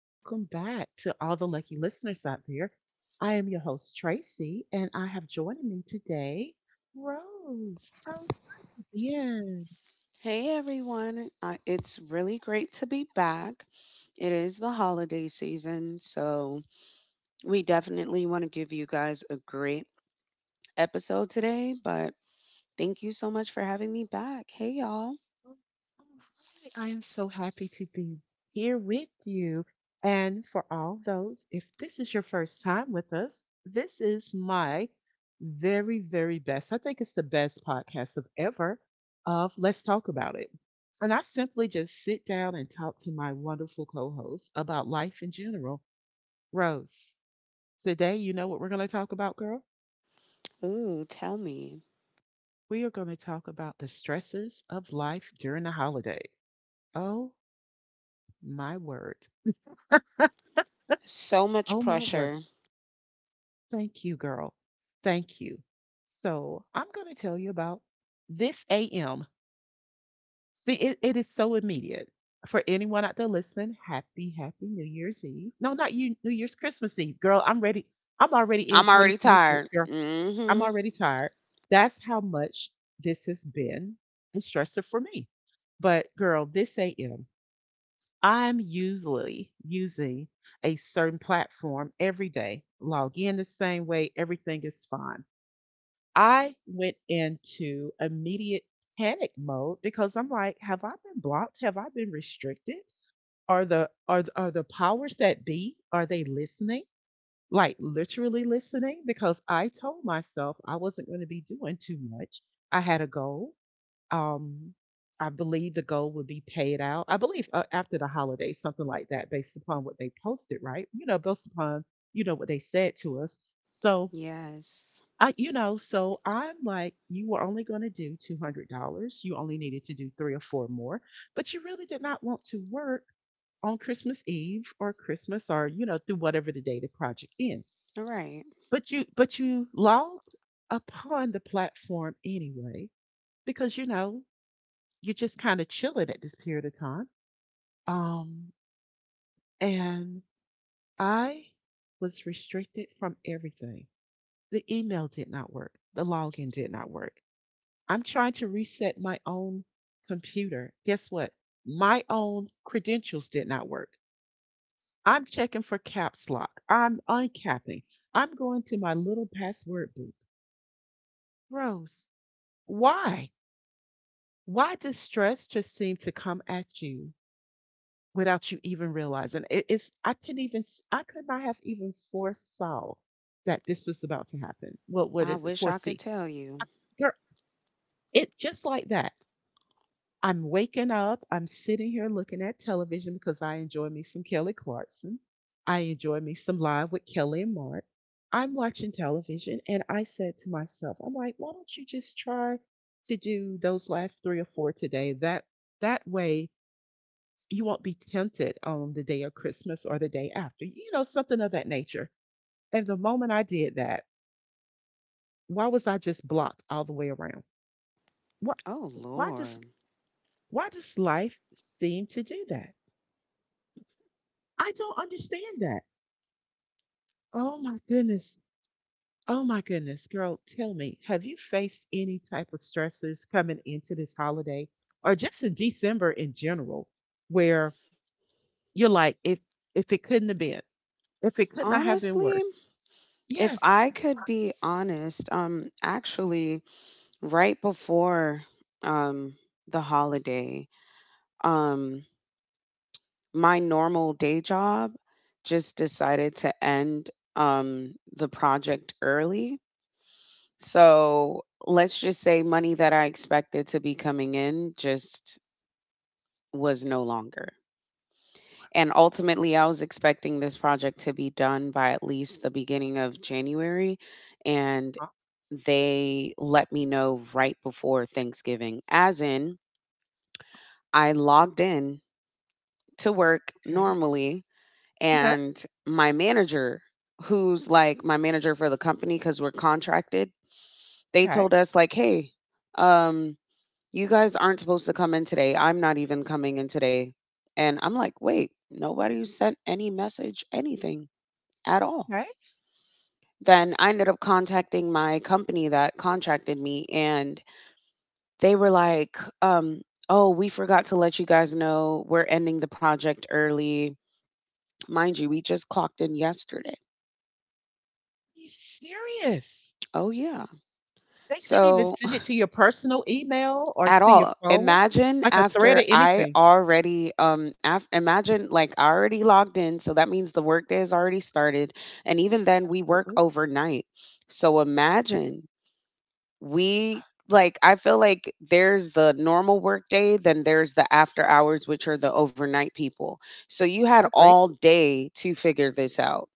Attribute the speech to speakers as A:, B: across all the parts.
A: welcome back to all the lucky listeners out there. I am your host, Tracy, and I have joining me today Rose. How's it
B: Hey everyone, it's really great to be back. It is the holiday season, so we definitely want to give you guys a great episode today. But thank you so much for having me back. Hey y'all.
A: Oh, hi, I am so happy to be here with you. And for all those, if this is your first time with us, this is my very, very best. I think it's the best podcast of ever of Let's Talk About It. And I simply just sit down and talk to my wonderful co host about life in general, Rose. Today, you know what we're going to talk about, girl?
B: Ooh, tell me.
A: We are going to talk about the stresses of life during the holiday. Oh, my word.
B: So much
A: Oh my word.
B: pressure.
A: Thank you, girl. Thank you. So I'm going to tell you about this AM. See, it is so immediate. For anyone out there listening, happy, happy New Year's Eve. No, not you, New Year's Christmas Eve. Girl, I'm ready. I'm already in
B: I'm already
A: 2026,
B: tired.
A: girl. I'm
B: Mm-hmm.
A: already tired. That's how much this has been and stressful for me. But girl, this AM. I'm usually using a certain platform every day, log in the same way, everything is fine. I went into immediate panic mode because I'm like, have I been blocked? Have I been restricted? Are the powers that be, are they listening? Like literally listening? Because I told myself I wasn't going to be doing too much. I had a goal. Um, I believe the goal would be paid out. I believe after the holiday, something like that, based upon what they posted, right? You know, based upon you know what they said to us. So
B: Yes.
A: I'm like, you were only going to do $200. You only needed to do three or four more, but you really did not want to work on Christmas Eve or Christmas or you know through whatever the day the project ends.
B: All right.
A: But you logged upon the platform anyway because you know you're just kind of chilling at this period of time. Um, and I was restricted from everything. The email did not work. The login did not work. I'm trying to reset my own computer. Guess what? My own credentials did not work. I'm checking for caps lock. I'm uncapping. I'm going to my little password book. Rose, why? Why does stress just seem to come at you without you even realizing. It's I couldn't even I could not have even foresaw that this was about to happen. What
B: I
A: is it?
B: wish I could
A: Foresee,
B: tell you.
A: girl. It just like that. I'm waking up. I'm sitting here looking at television because I enjoy me some Kelly Clarkson. I enjoy me some live with Kelly and Mark. I'm watching television and I said to myself, I'm like, why don't you just try to do those last three or four today? That way you won't be tempted on the day of Christmas or the day after, you know, something of that nature. And the moment I did that, why was I just blocked all the way around? What?
B: Oh
A: why does
B: Lord.
A: why does life seem to do that? I don't understand that. Oh my goodness. Oh my goodness, girl, tell me, have you faced any type of stressors coming into this holiday or just in December in general where you're like if it couldn't have been, if it could not have been
B: Honestly,
A: worse.
B: if
A: Yes.
B: I could be honest, actually, right before um the holiday, um my normal day job just decided to end the project early. So let's just say money that I expected to be coming in just was no longer, and ultimately I was expecting this project to be done by at least the beginning of January. And
A: Oh,
B: they let me know right before Thanksgiving. As in, I logged in to work
A: okay.
B: normally
A: Yes,
B: and my manager, who's like my manager for the company cuz we're contracted, they
A: okay,
B: told us like, "Hey, um, you guys aren't supposed to come in today. I'm not even coming in today." And I'm like, "Wait, nobody sent any message anything at all."
A: okay. Are
B: Then I ended up contacting my company that contracted me and they were like, "Oh, we forgot to let you guys know we're ending the project early. Mind you, we just clocked in yesterday.
A: you serious?
B: Oh, yeah.
A: They couldn't even
B: So,
A: send it to your personal email or
B: at
A: to your
B: all.
A: phone,
B: Imagine
A: like a thread
B: after
A: or
B: I
A: anything.
B: already, imagine like I already logged in. So that means the workday has already started. And even then, we work
A: Absolutely.
B: overnight. So, imagine we like, I feel like there's the normal workday, then there's the after hours, which are the overnight people. So, you had
A: I agree.
B: all day to figure this out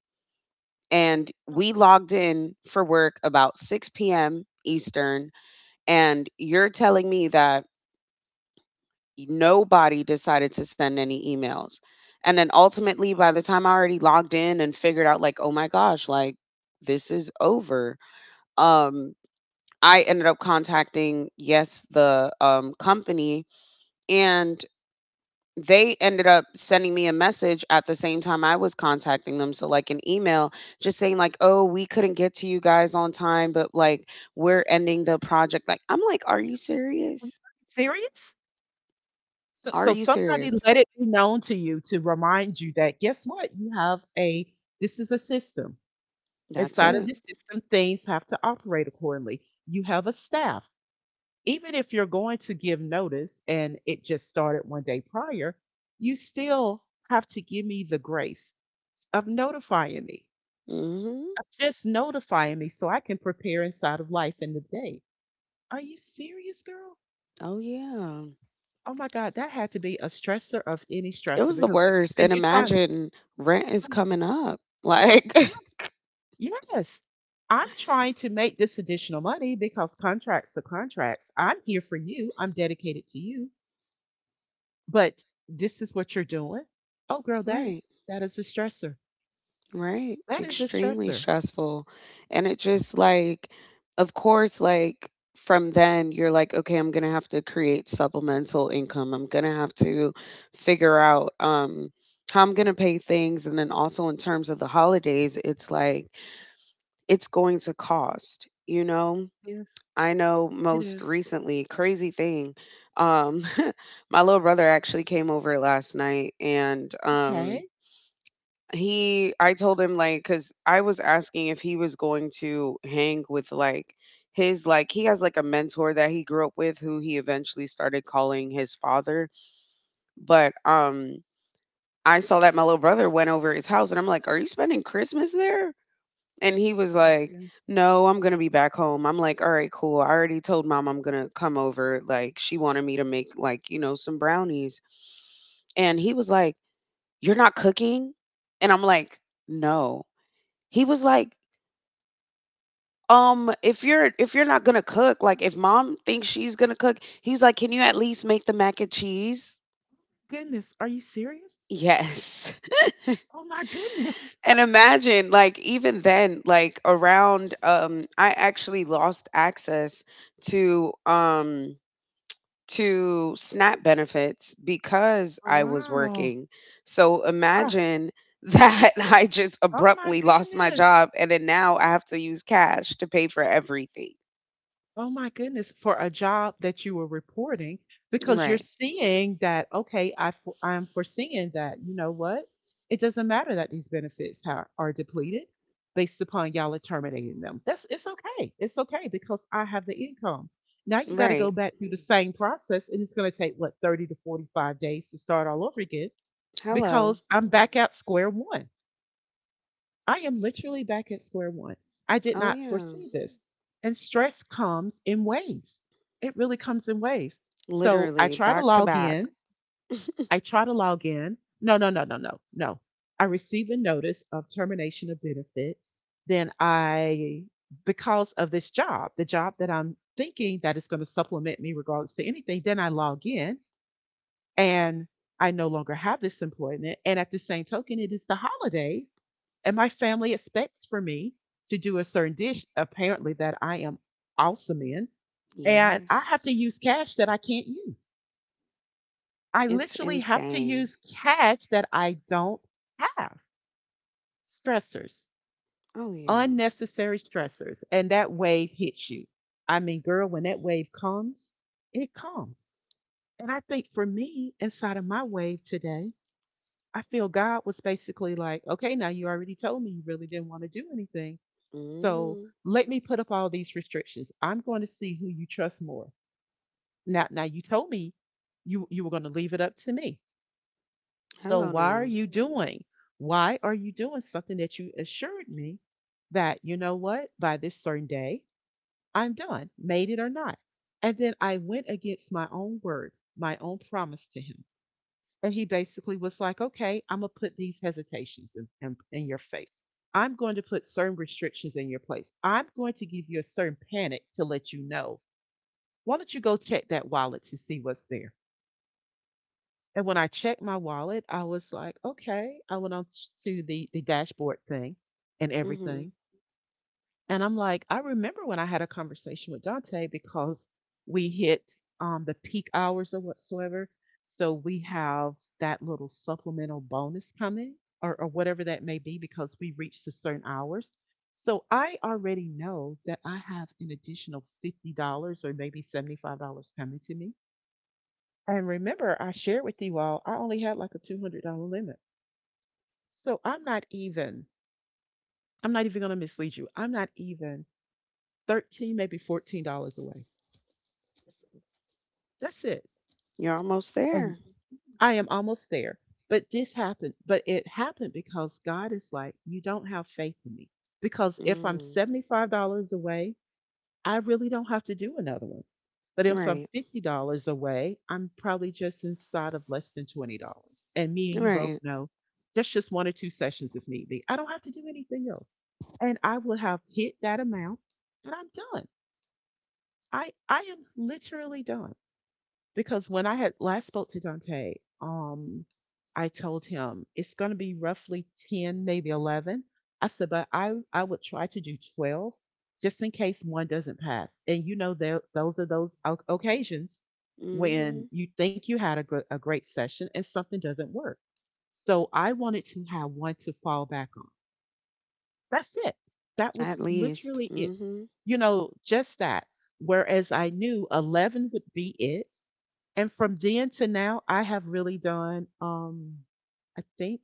B: and we logged in for work about 6 p.m. Eastern. And you're telling me that nobody decided to send any emails. And then ultimately, by the time I already logged in and figured out, like, oh my gosh, like, this is over. Um, I ended up contacting, yes, the company. And they ended up sending me a message at the same time I was contacting them. So, like, an email just saying, like, oh, we couldn't get to you guys on time, but like, we're ending the project. Like, I'm like, are you
A: Are you
B: serious?
A: serious? So,
B: Are
A: so
B: you
A: somebody
B: serious?
A: let it be known to you to remind you that guess what? You have a this is a system.
B: That's
A: Inside of
B: it.
A: this system, things have to operate accordingly. You have a staff. Even if you're going to give notice and it just started one day prior, you still have to give me the grace of notifying me,
B: Hmm.
A: of just notifying me so I can prepare inside of life in the day. Are you serious, girl?
B: Oh, yeah.
A: Oh my God, that had to be a stressor of any
B: It
A: stressor
B: was the
A: because, like you
B: worst.
A: said,
B: And
A: you're trying.
B: imagine rent is
A: I
B: coming up. Like,
A: Yes, yes. I'm trying to make this additional money because contracts are contracts. I'm here for you. I'm dedicated to you. But this is what you're doing. Oh, girl, that
B: right.
A: that is a stressor.
B: Right.
A: That is a
B: Extremely
A: stressor.
B: stressful. And it just like, of course, like from then you're like, okay, I'm gonna have to create supplemental income. I'm gonna have to figure out how I'm gonna pay things. And then also in terms of the holidays, it's like it's going to cost, you know?
A: Yes,
B: I know
A: it
B: most
A: is.
B: recently, crazy thing. Um, my little brother actually came over last night and
A: Okay.
B: he I told him like cuz I was asking if he was going to hang with like his like he has like a mentor that he grew up with who he eventually started calling his father, but I saw that my little brother went over his house and I'm like, "Are you spending Christmas there?" And he was like,
A: Goodness,
B: "No, I'm going to be back home." I'm like, "All right, cool. I already told mom I'm going to come over. Like she wanted me to make like, you know, some brownies." And he was like, "You're not cooking?" And I'm like, "No." He was like, if you're not gonna cook, like if mom thinks she's gonna cook, he's like, can you at least make the mac and cheese?
A: Goodness, are you serious?
B: Yes.
A: Oh my goodness.
B: And imagine, like, even then, like around I actually lost access to SNAP benefits because
A: Oh,
B: I was
A: wow.
B: working. So
A: Ah,
B: imagine that I just
A: oh my
B: abruptly lost my
A: goodness.
B: job and then now I have to use cash to pay for everything.
A: Oh my goodness. For a job that you were reporting, because you're
B: Right.
A: seeing that, okay, I'm foreseeing that, you know what? It doesn't matter that these benefits are depleted based upon y'all are terminating them. That's it's okay. It's okay because I have the income. Now you got to go
B: Right.
A: back through the Mm. same process, and it's going to take what 30 to 45 days to start all over again
B: Hello.
A: because I'm back at square one. I am literally back at square one. I did
B: Oh
A: not
B: yeah.
A: foresee this. And stress comes in waves. It really comes in waves. So I
B: Literally
A: try to
B: back to
A: log
B: back.
A: in. I try to log in. No, no, no, no, no, no. I received a notice of termination of benefits. Then I, because of this job, the job that I'm thinking that is going to supplement me regardless to anything, then I log in and I no longer have this employment. And at the same token, it is the holidays, and my family expects for me to do a certain dish, apparently, that I am awesome in. And
B: Yes.
A: I have to use cash that I can't use. I
B: It's
A: literally have to
B: insane.
A: use cash that I don't have. Stressors,
B: Oh yeah.
A: unnecessary stressors. And that wave hits you. I mean, girl, when that wave comes, it comes. And I think for me, inside of my wave today, I feel God was basically like, okay, now you already told me you really didn't want to do anything. So
B: Hmm.
A: let me put up all these restrictions. I'm going to see who you trust more. Now, now you told me you were going to leave it up to me. So
B: Hello
A: why are
B: now.
A: you doing? Why are you doing something that you assured me that, you know what, by this certain day, I'm done, made it or not? And then I went against my own word, my own promise to him. And he basically was like, okay, I'm going to put these hesitations in your face. I'm going to put certain restrictions in your place. I'm going to give you a certain panic to let you know. Why don't you go check that wallet to see what's there? And when I checked my wallet, I was like, okay. I went on to the dashboard thing and
B: Hmm.
A: everything. And I'm like, I remember when I had a conversation with Dante because we hit the peak hours or whatsoever. So we have that little supplemental bonus coming or whatever that may be because we reached a certain hours. So I already know that I have an additional $50 or maybe $75 coming to me. And remember, I shared with you all, I only had like a $200 limit. So I'm not even, I'm not even going to mislead you. I'm not even 13, maybe $14 away. That's it.
B: You're almost there.
A: And I am almost there. But this happened, but it happened because God is like, you don't have faith in me. Because if I'm
B: Mm.
A: $75 away, I really don't have to do another one. But if
B: Right.
A: I'm $50 away, I'm probably just inside of less than $20. And me and you
B: Right.
A: both know that's just one or two sessions if need be. I don't have to do anything else. And I will have hit that amount and I'm done. I am literally done. Because when I had last spoke to Dante, um, I told him it's going to be roughly 10, maybe 11. I said, but I would try to do 12 just in case one doesn't pass. And you know, there, those are those occasions
B: Hmm.
A: when you think you had a, a great session and something doesn't work. So I wanted to have one to fall back on. That's it. That
B: At
A: was
B: least.
A: literally it.
B: Hmm.
A: You know, just that. Whereas I knew 11 would be it and from then to now, I have really done, I think,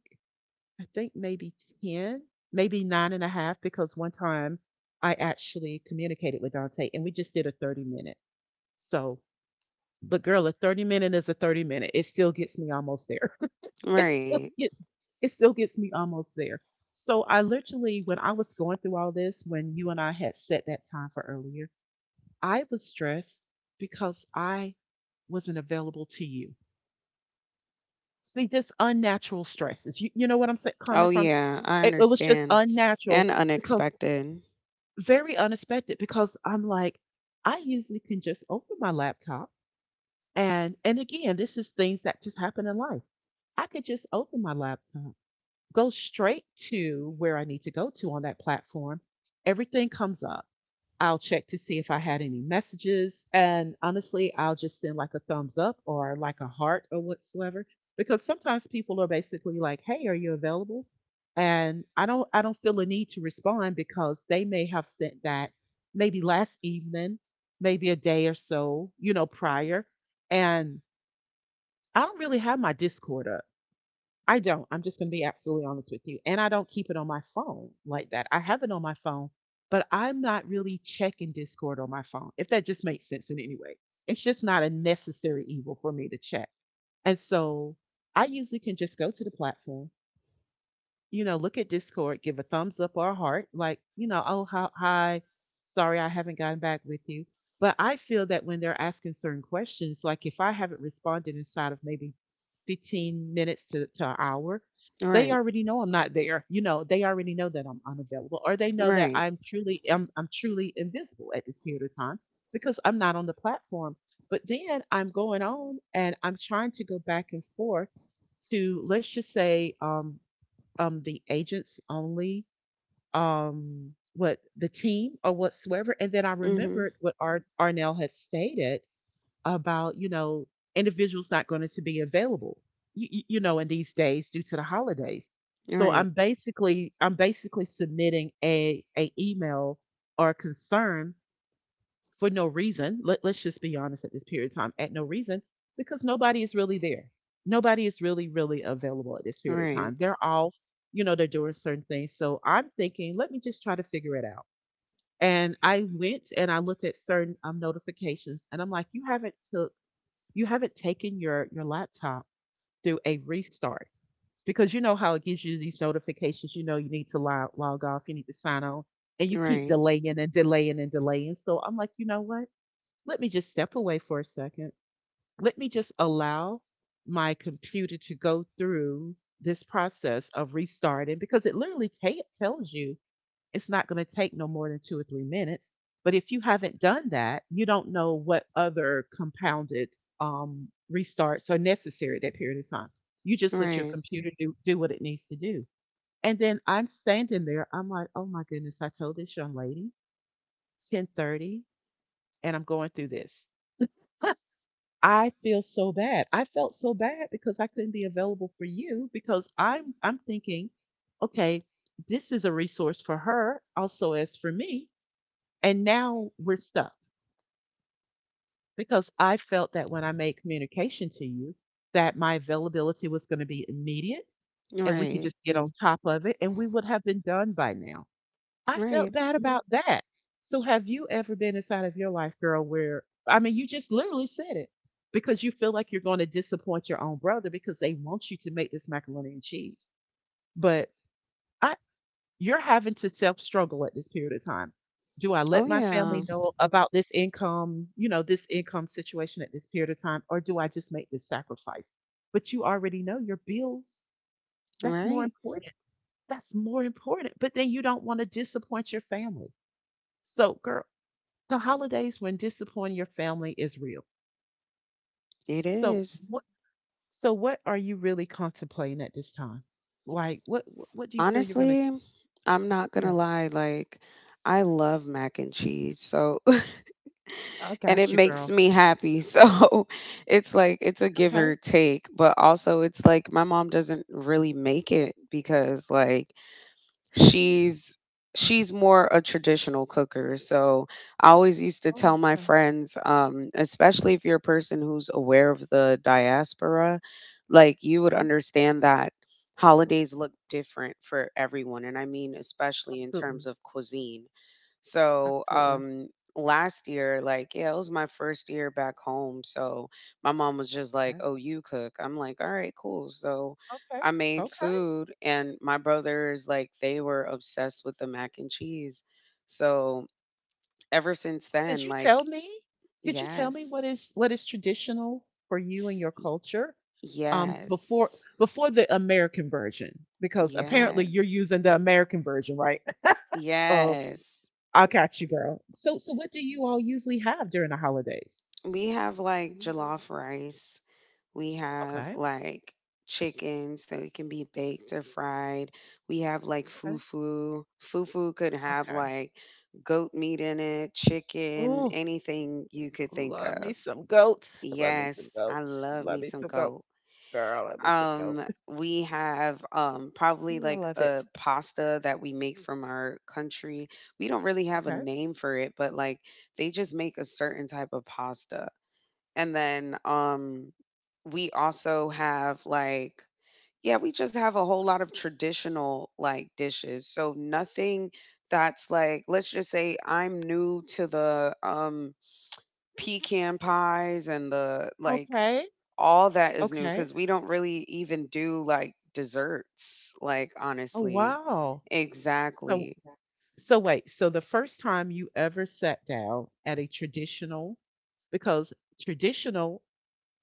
A: I think maybe 10, maybe nine and a half, because one time I actually communicated with Dante and we just did a 30 minute. So, but girl, a 30 minute is a 30 minute. It still gets me almost there. it
B: Right.
A: still gets, it still gets me almost there. So I literally, when I was going through all this, when you and I had set that time for earlier, I was stressed because I wasn't available to you. See, just unnatural stresses. You know what I'm saying?
B: Oh
A: Coming from
B: yeah. I
A: it was just
B: understand.
A: unnatural
B: And
A: because
B: unexpected.
A: very unexpected because I'm like, I usually can just open my laptop and again, this is things that just happen in life. I could just open my laptop, go straight to where I need to go to on that platform. Everything comes up. I'll check to see if I had any messages. And honestly, I'll just send like a thumbs up or like a heart or whatsoever. Because sometimes people are basically like, hey, are you available? And I don't feel a need to respond because they may have sent that maybe last evening, maybe a day or so, you know, prior. And I don't really have my Discord up. I don't. I'm just going to be absolutely honest with you. And I don't keep it on my phone like that. I have it on my phone, but I'm not really checking Discord on my phone, if that just makes sense in any way. It's just not a necessary evil for me to check. And so I usually can just go to the platform, you know, look at Discord, give a thumbs up or a heart, like, you know, oh, hi, hi, sorry, I haven't gotten back with you. But I feel that when they're asking certain questions, like if I haven't responded inside of maybe 15 minutes to an hour, they
B: Right.
A: already know I'm not there. You know, they already know that I'm unavailable, or they know that
B: Right.
A: I'm truly I'm truly invisible at this period of time because I'm not on the platform. But then I'm going on and I'm trying to go back and forth to, let's just say, the agents only, what the team or whatsoever, and then I
B: Hmm.
A: remembered what Arnell had stated about, you know, individuals not going to be available, you know, in these days due to the holidays. So
B: Right.
A: I'm basically submitting a email or concern for no reason. Let's just be honest at this period of time, at no reason, because nobody is really there. Nobody is really, really available at this period of
B: Right.
A: time. They're all, you know, they're doing certain things. So I'm thinking, let me just try to figure it out. And I went and I looked at certain notifications, and I'm like, you haven't took, you haven't taken your laptop through a restart because you know how it gives you these notifications. You know, you need to log off, you need to sign on, and you keep
B: Right.
A: delaying and delaying and delaying. So I'm like, you know what? Let me just step away for a second. Let me just allow my computer to go through this process of restarting because it literally ta tells you it's not going to take no more than 2 or 3 minutes. But if you haven't done that, you don't know what other compounded um, restarts are necessary at that period of time. You just let your
B: Right.
A: computer do what it needs to do. And then I'm standing there. I'm like, oh my goodness, I told this young lady 10:30 and I'm going through this. I feel so bad. I felt so bad because I couldn't be available for you because I'm thinking, okay, this is a resource for her also as for me, and now we're stuck because I felt that when I made communication to you that my availability was going to be immediate and we could
B: Right.
A: just get on top of it and we would have been done by now. I felt
B: Right.
A: bad about that. So have you ever been inside of your life, girl, where I mean you just literally said it because you feel like you're going to disappoint your own brother because they want you to make this macaroni and cheese. But I you're having to self-struggle at this period of time. Do I
B: Oh
A: let my family
B: yeah.
A: know about this income, you know, this income situation at this period of time, or do I just make this sacrifice? But you already know your bills, that's more
B: Right.
A: important. That's more important. But then you don't want to disappoint your family. So, girl, the holidays when disappointing your family is real.
B: It
A: So
B: is.
A: what, so what are you really contemplating at this time? Like what do you feel you're gonna do?
B: Honestly, I'm not gonna
A: Yeah,
B: lie, like I love mac and cheese. So
A: I
B: and it
A: got you,
B: makes
A: girl.
B: me happy. So it's like it's a give
A: Okay.
B: or take, but also it's like my mom doesn't really make it because like she's she's more a traditional cooker. So I always used to
A: Oh,
B: tell my
A: okay.
B: friends, um, especially if you're a person who's aware of the diaspora, like you would
A: Huh?
B: understand that holidays look different for everyone, and I mean especially in
A: Absolutely.
B: terms of cuisine. So,
A: Absolutely.
B: last year, like, yeah, it was my first year back home. So my mom was just like,
A: Okay,
B: oh, you cook. I'm like, all right, cool. So
A: okay,
B: I made
A: okay.
B: food, and my brothers, like, they were obsessed with the mac and cheese. So ever since
A: Could
B: then,
A: you
B: like,
A: tell me? Could you tell
B: yes,
A: me what is traditional for you and your
B: y-
A: culture? Before
B: yes,
A: the American version, because apparently you're
B: yes,
A: using the American version, right?
B: yes.
A: I got you, girl. So, so what do you all usually have during the holidays?
B: We have like jollof rice. We have
A: Okay,
B: like chicken, so it can be baked or fried. We have like
A: okay,
B: fufu. Fufu could have
A: okay.
B: like goat meat in it, chicken,
A: Ooh,
B: anything you could think
A: love
B: of.
A: me some goats. Love me
B: Yes,
A: some
B: I
A: goats.
B: love
A: Love
B: me
A: me
B: some
A: some goat.
B: goat.
A: Girl, love me some goat.
B: We have probably
A: Ooh, I
B: like
A: love
B: a
A: it.
B: pasta that we make from our country. We don't really have a
A: Okay,
B: name for it, but like they just make a certain type of pasta and then, we also have, like yeah, we just have a whole lot of traditional, like, dishes, so nothing that's, like let's just say I'm new to the, pecan pies and the like,
A: okay,
B: all that is new
A: okay.
B: because we don't really even do, like, desserts, like,
A: Oh
B: honestly.
A: wow. So,
B: Exactly.
A: so wait. So the first time you ever sat down at a traditional, because traditional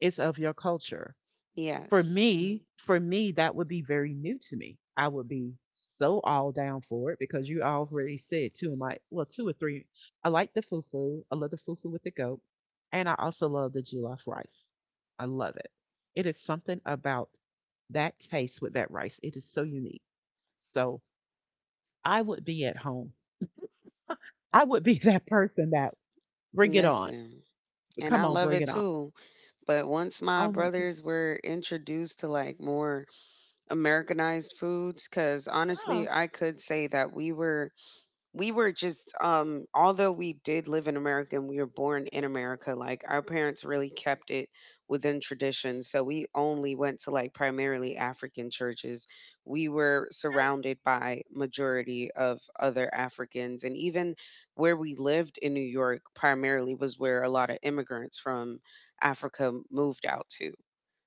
A: is of your culture.
B: Yes.
A: For me, that would be very new to me. I would be so all down for it because you already said two of my, well, two or three. I like the fufu. I love the fufu with the goat, and I also love the jollof rice. I love it. It is something about that taste with that rice. It is so unique. So I would be at home. I would be that person that bring it on.
B: Listen, and I
A: Come on,
B: love
A: bring
B: it
A: it on.
B: too, but once my
A: Oh my god.
B: brothers were introduced to, like, more Americanized foods. Because
A: Yeah.
B: honestly, I could say that we were just although we did live in America and we were born in America, like our parents really kept it within tradition. So we only went to like primarily African churches. We were surrounded by majority of other Africans, and even where we lived in New York primarily was where a lot of immigrants from Africa moved out to.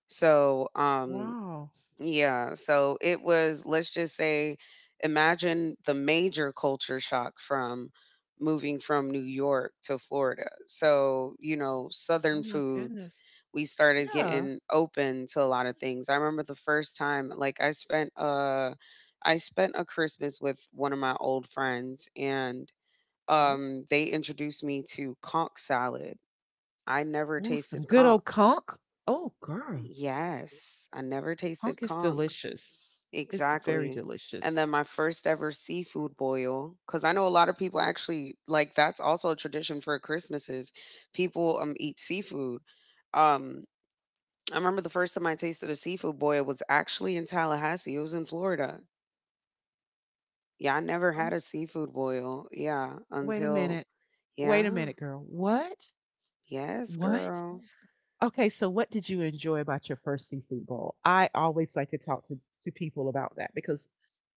B: So,
A: Wow.
B: yeah, so it was, let's just say, imagine the major culture shock from moving from New York to Florida. So, you know, Southern
A: Oh my
B: foods,
A: goodness.
B: we started
A: Yeah.
B: getting open to a lot of things. I remember the first time, like I spent a Christmas with one of my old friends and
A: Okay.
B: they introduced me to conch salad. I never
A: Oh, some
B: tasted
A: good
B: conch.
A: old conch. Oh, girl,
B: Yes, I never
A: conch
B: tasted
A: is
B: conch.
A: delicious. It's very
B: Exactly. And
A: delicious.
B: then my first ever seafood boil, because I know a lot of people actually like that's also a tradition for Christmases. People eat seafood. Um, I remember the first time I tasted a seafood boil was actually in Tallahassee. It was in Florida. Yeah, I never had
A: Oh,
B: a seafood boil. Yeah,
A: wait a
B: until
A: minute. Wait a
B: yeah,
A: minute, girl. What?
B: yes,
A: What?
B: girl.
A: Okay, so what did you enjoy about your first seafood bowl? I always like to talk to people about that because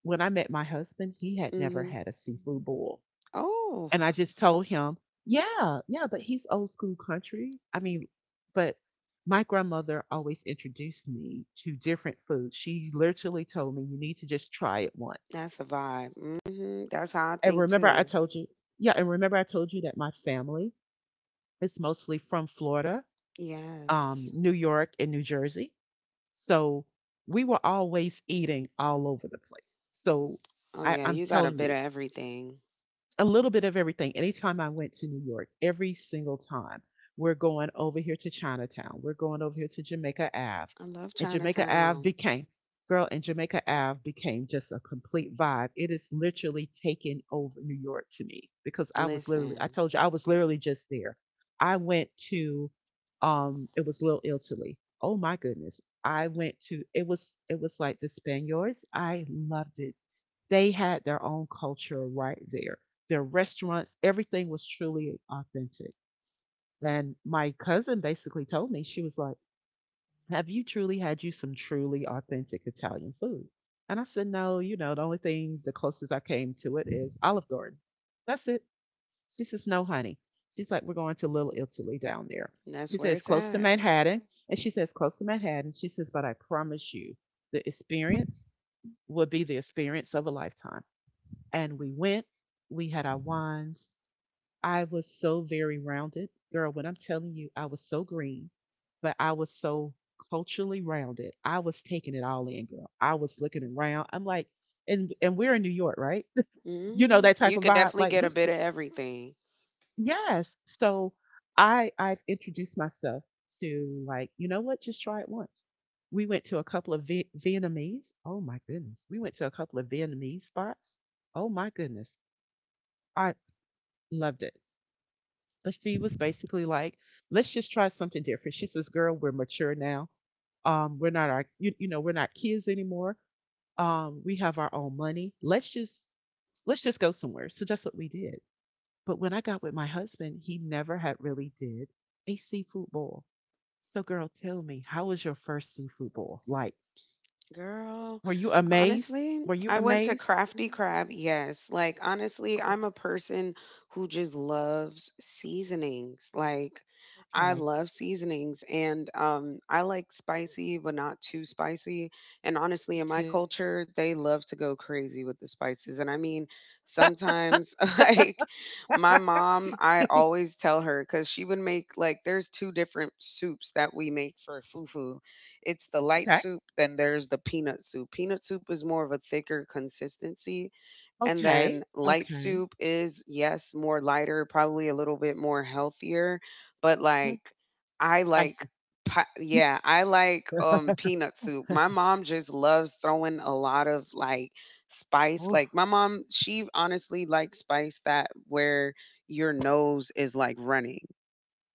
A: when I met my husband, he had never
B: Mm-hmm.
A: had a seafood bowl.
B: Oh,
A: And I just told him, yeah, yeah, but he's old school country. I mean, but my grandmother always introduced me to different foods. She literally told me, you need to just try it once.
B: that's a vibe. Mm-hmm. That's how I
A: And
B: think
A: remember, I
B: too.
A: told you, yeah, and remember, I told you that my family is mostly from Florida,
B: Yes.
A: New York, and New Jersey. So we were always eating all over the place. So
B: Oh
A: I,
B: yeah,
A: I'm
B: you got a
A: telling
B: bit of
A: you,
B: everything.
A: a little bit of everything. Anytime I went to New York, every single time, we're going over here to Chinatown. We're going over here to Jamaica Ave.
B: I love
A: And Jamaica Ave
B: Chinatown.
A: became, girl, and Jamaica Ave became just a complete vibe. It is literally taking over New York to me because I was literally, I
B: Listen,
A: told you, I was literally just there. I went to, it was Little Italy. Oh my goodness. I went to, it was like the Spaniards. I loved it, they had their own culture right there. Their restaurants, everything was truly authentic. And my cousin basically told me, she was like, have you truly had you some truly authentic Italian food? And I said, no, you know, the only thing, the closest I came to it is Olive Garden. That's it. She says, no, honey. She's like, we're going to Little Italy down there.
B: that's
A: She
B: where
A: says,
B: it's
A: close to
B: at.
A: Manhattan. And she says, close to Manhattan. She says, but I promise you, the experience would be the experience of a lifetime. And we went, we had our wines. I was so very rounded. Girl, when I'm telling you, I was so green, but I was so culturally rounded. I was taking it all in, girl. I was looking around. I'm like, and we're in New York, right? you know,
B: Hmm.
A: that type
B: You
A: of
B: can
A: vibe.
B: definitely
A: Like
B: get a bit of everything.
A: yes. So I've introduced myself to, like, you know what, just try it once. We went to a couple of Vietnamese. Oh my goodness. We went to a couple of Vietnamese spots. Oh my goodness. I loved it. But she was basically like, let's just try something different. She says, girl, we're mature now. We're not our, you know, we're not kids anymore. We have our own money. Let's just go somewhere. So that's what we did. But when I got with my husband, he never had really did a seafood boil. So girl, tell me, how was your first seafood boil? Like,
B: Girl,
A: were you amazed?
B: honestly,
A: Were you
B: I went to
A: amazed?
B: Crafty
A: Mhm.
B: Crab. Yes. Like, honestly,
A: Okay.
B: I'm a person who just loves seasonings. Like, I
A: Okay.
B: love seasonings and, I like spicy, but not too spicy. And honestly,
A: Me
B: in my
A: too.
B: culture, they love to go crazy with the spices. And I mean, sometimes, like, my mom, I always tell her because she would make, like, there's two different soups that we make for fufu. It's the light
A: Okay.
B: soup, then there's the peanut soup. Peanut soup is more of a thicker consistency, and
A: Okay.
B: then light
A: Okay.
B: soup is, yes, more lighter, probably a little bit more healthier, but,
A: Mhm.
B: like, I like
A: Spicy.
B: pa yeah, I like, peanut soup. My mom just loves throwing a lot of, like, spice,
A: Oh,
B: like, my mom, she honestly likes spice that where your nose is, like, running.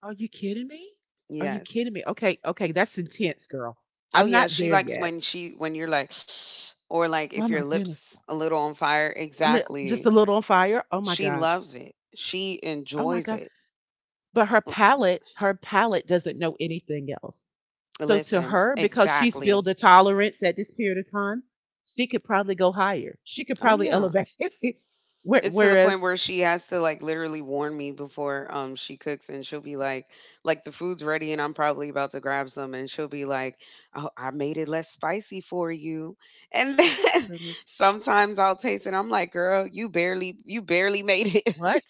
A: are you kidding me? Are you kidding
B: Yes.
A: me? Okay, okay, that's intense, girl.
B: Oh
A: I'm
B: yeah,
A: not
B: she
A: there
B: likes
A: yet.
B: when she when you're like or like
A: Oh
B: if your
A: my goodness.
B: lips a little on fire.
A: Just a
B: Exactly.
A: little on fire. Oh my
B: She
A: God.
B: loves it. She
A: Oh my
B: enjoys
A: God.
B: it.
A: But
B: Mm.
A: her palate doesn't know anything else. So to
B: Listen,
A: her, because she's
B: exactly.
A: built a tolerance at this period of time, she could probably go higher. She could
B: Oh
A: probably
B: yeah.
A: elevate.
B: It's to the point
A: Whereas,
B: where she has to like literally warn me before she cooks, and she'll be like the food's ready and I'm probably about to grab some and she'll be like, "Oh, I made it less spicy for you." And then sometimes I'll taste it. I'm like, "Girl, you barely made it."
A: what?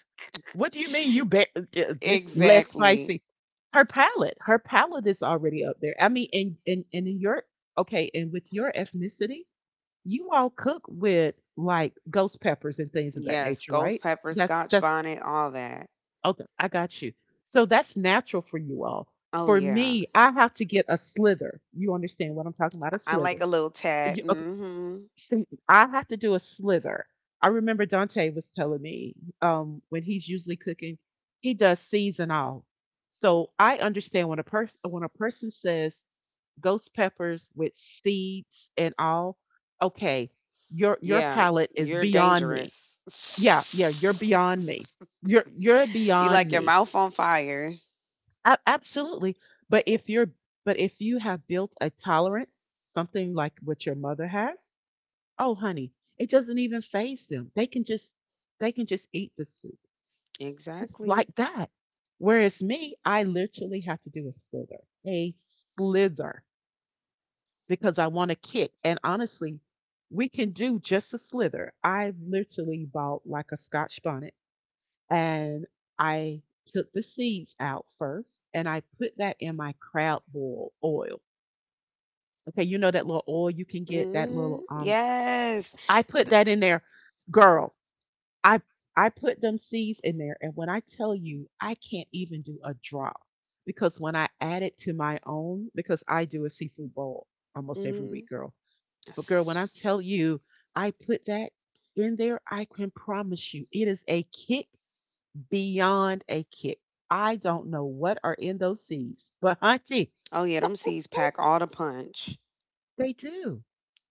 A: What do you mean you ba this less
B: exactly.
A: spicy? Her palate is already up there. I mean, and in your okay, and with your ethnicity, you all cook with like ghost peppers and things of that
B: Yes,
A: nature,
B: ghost
A: right?
B: pepper,
A: That's
B: scotch
A: that's
B: bonnet, all that.
A: okay. I got you. So that's natural for you all.
B: Oh
A: For
B: yeah.
A: me, I have to get a slither. You understand what I'm talking about? A
B: I
A: slither.
B: like a little tad. Mhm.
A: See, I have to do a slither. I remember Dante was telling me when he's usually cooking, he does seasonal. So I understand when a person says ghost peppers with seeds and all. Okay, your
B: Yeah,
A: palate is
B: you're
A: beyond me.
B: dangerous.
A: Yeah, yeah, you're beyond me. You're
B: you like
A: beyond
B: your
A: me.
B: mouth on fire.
A: Absolutely. But if you have built a tolerance, something like what your mother has, oh, honey, it doesn't even phase them. They can just eat the soup just like
B: Exactly.
A: that. Whereas me, I literally have to do a slither, because I want to kick. And honestly, we can do just a slither. I literally bought like a Scotch bonnet and I took the seeds out first and I put that in my crab boil oil. Okay, you know that little oil you can get, that little
B: Mhm. Yes.
A: I put that in there, girl. I I put them seeds in there, and when I tell you I can't even do a drop, because when I add it to my own, because I do a seafood bowl almost every week,
B: Mhm.
A: girl. But girl, when I
B: Yes.
A: tell you I put that in there, I can promise you it is a kick beyond a kick. I don't know what are in those seeds, but hunty,
B: Oh yeah, them seeds pack all the punch.
A: they do.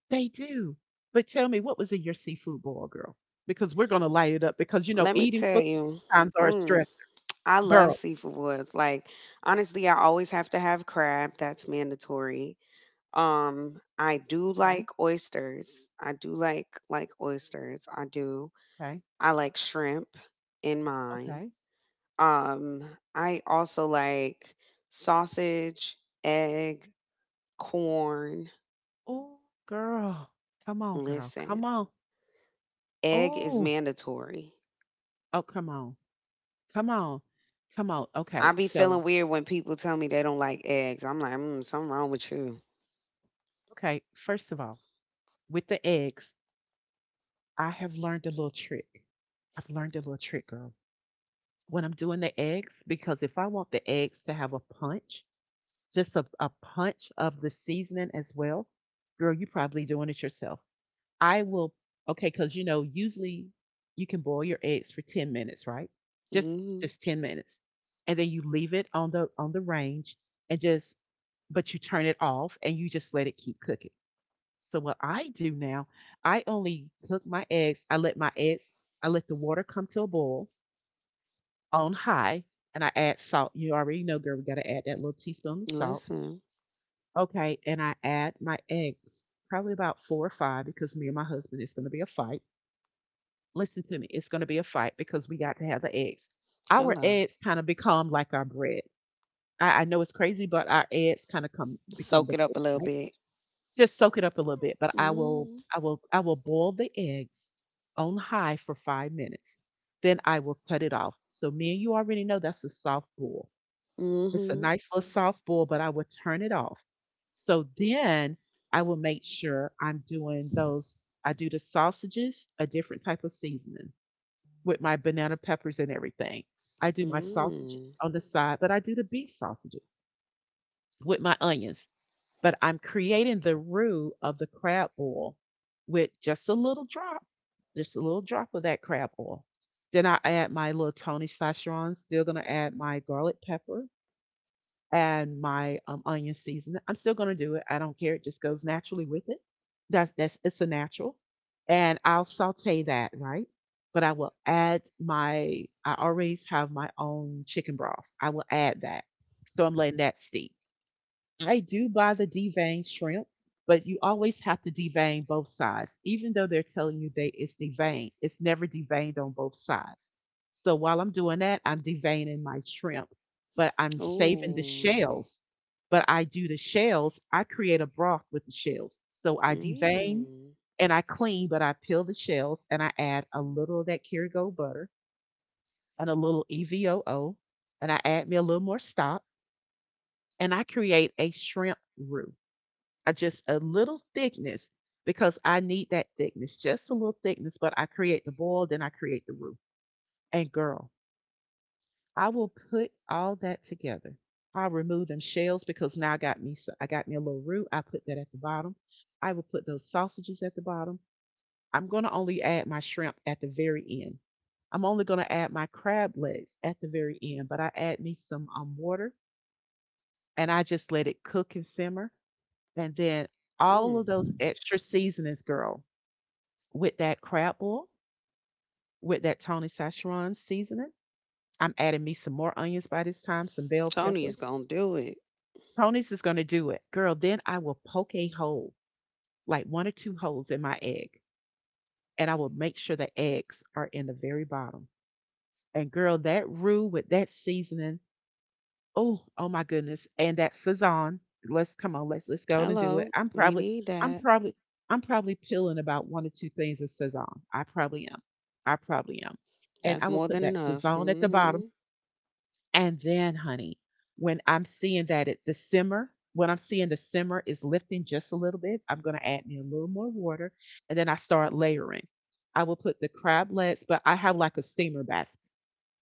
A: They do. But tell me, what was in your seafood boil, girl? Because we're gonna light it up, because you know
B: Let me
A: eating
B: tell
A: food
B: you.
A: sometimes are a
B: Mm,
A: stress,
B: I love
A: girl.
B: seafood woods. Like honestly, I always have to have crab. That's mandatory. I do
A: Okay,
B: like oysters. I do like oysters. I do.
A: okay,
B: I like shrimp in mine.
A: okay.
B: Um, I also like sausage, egg, corn.
A: Oh, girl, come on, girl,
B: Listen,
A: come on.
B: egg is
A: Oh,
B: mandatory.
A: oh, come on, come on, come on.
B: I
A: Okay,
B: be
A: so
B: feeling weird when people tell me they don't like eggs. I'm like, mm, something wrong with you.
A: okay, first of all, with the eggs, I have learned a little trick. I've learned a little trick, girl. When I'm doing the eggs, because if I want the eggs to have a punch, just a punch of the seasoning as well. Girl, you are probably doing it yourself. I will, okay, because you know, usually you can boil your eggs for 10 minutes, right?
B: Hmm.
A: Just 10 minutes. And then you leave it on the range, and just but you turn it off and you just let it keep cooking. So what I do now, I only cook my eggs. I let my eggs, I let the water come to a boil on high, and I add salt. You already know, girl, we gotta add that little teaspoon of salt.
B: Listen.
A: Okay, and I add my eggs, probably about four or five, because me and my husband, it's going to be a fight. Listen to me, it's going to be a fight, because we got to have the eggs. Our
B: Hello.
A: eggs kind of become like our bread. I know it's crazy, but our eggs kind of come become
B: Soak
A: the
B: it up
A: bread,
B: a little
A: right?
B: bit.
A: Just soak it up a little bit. But
B: Mm-hmm.
A: I will boil the eggs on high for 5 minutes. Then I will cut it off. So me and you already know that's a soft boil. It's a
B: Mm-hmm.
A: nice little soft boil, but I would turn it off. So then I will make sure I'm doing those. I do the sausages, a different type of seasoning with my banana peppers and everything. I do my
B: Mm.
A: sausages on the side, but I do the beef sausages with my onions. But I'm creating the roux of the crab oil with just a little drop, just a little drop of that crab oil. Then I add my little Tony sacharons, still going to add my garlic pepper and my onion seasoning. I'm still gonna do it. I don't care. It just goes naturally with it. That's it's a natural, and I'll saute that right. But I will add my. I always have my own chicken broth. I will add that, so I'm letting that steep. I do buy the deveined shrimp, but you always have to devein both sides. Even though they're telling you they it's deveined, it's never deveined on both sides. So while I'm doing that, I'm deveining my shrimp, but I'm saving the
B: Ooh.
A: shells. But I do the shells, I create a broth with the shells. So I devein
B: Mm,
A: and I clean, but I peel the shells and I add a little of that Kerrygold butter and a little EVOO, and I add me a little more stock, and I create a shrimp roux. I just a little thickness, because I need that thickness, just a little thickness, but I create the boil, then I create the roux. And girl, I will put all that together. I'll remove them shells, because now I got me so I got me a little roux. I put that at the bottom. I will put those sausages at the bottom. I'm going to only add my shrimp at the very end. I'm only going to add my crab legs at the very end, but I add me some water, and I just let it cook and simmer. And then
B: mm.
A: all of those extra seasonings, girl, with that crab boil, with that Tony Szechuan seasoning. I'm adding me some more onions by this time, some bell pepper.
B: Tony's gonna do it.
A: Tony's is going to do it. Girl, then I will poke a hole, like one or two holes in my egg, and I will make sure the eggs are in the very bottom. And girl, that roux with that seasoning, oh, oh my goodness. And that Cezanne. Let's come on, let's go on and do it.
B: Hello, we need
A: I'm
B: that.
A: probably I'm probably peeling about one or two things of Cezanne. I probably am. I probably am. And
B: That's
A: I will
B: more
A: put
B: than
A: that
B: enough.
A: Cezanne at the bottom.
B: Hmm.
A: And then, honey, when I'm seeing the simmer is lifting just a little bit, I'm gonna add me a little more water, and then I start layering. I will put the crab legs, but I have like a steamer batch,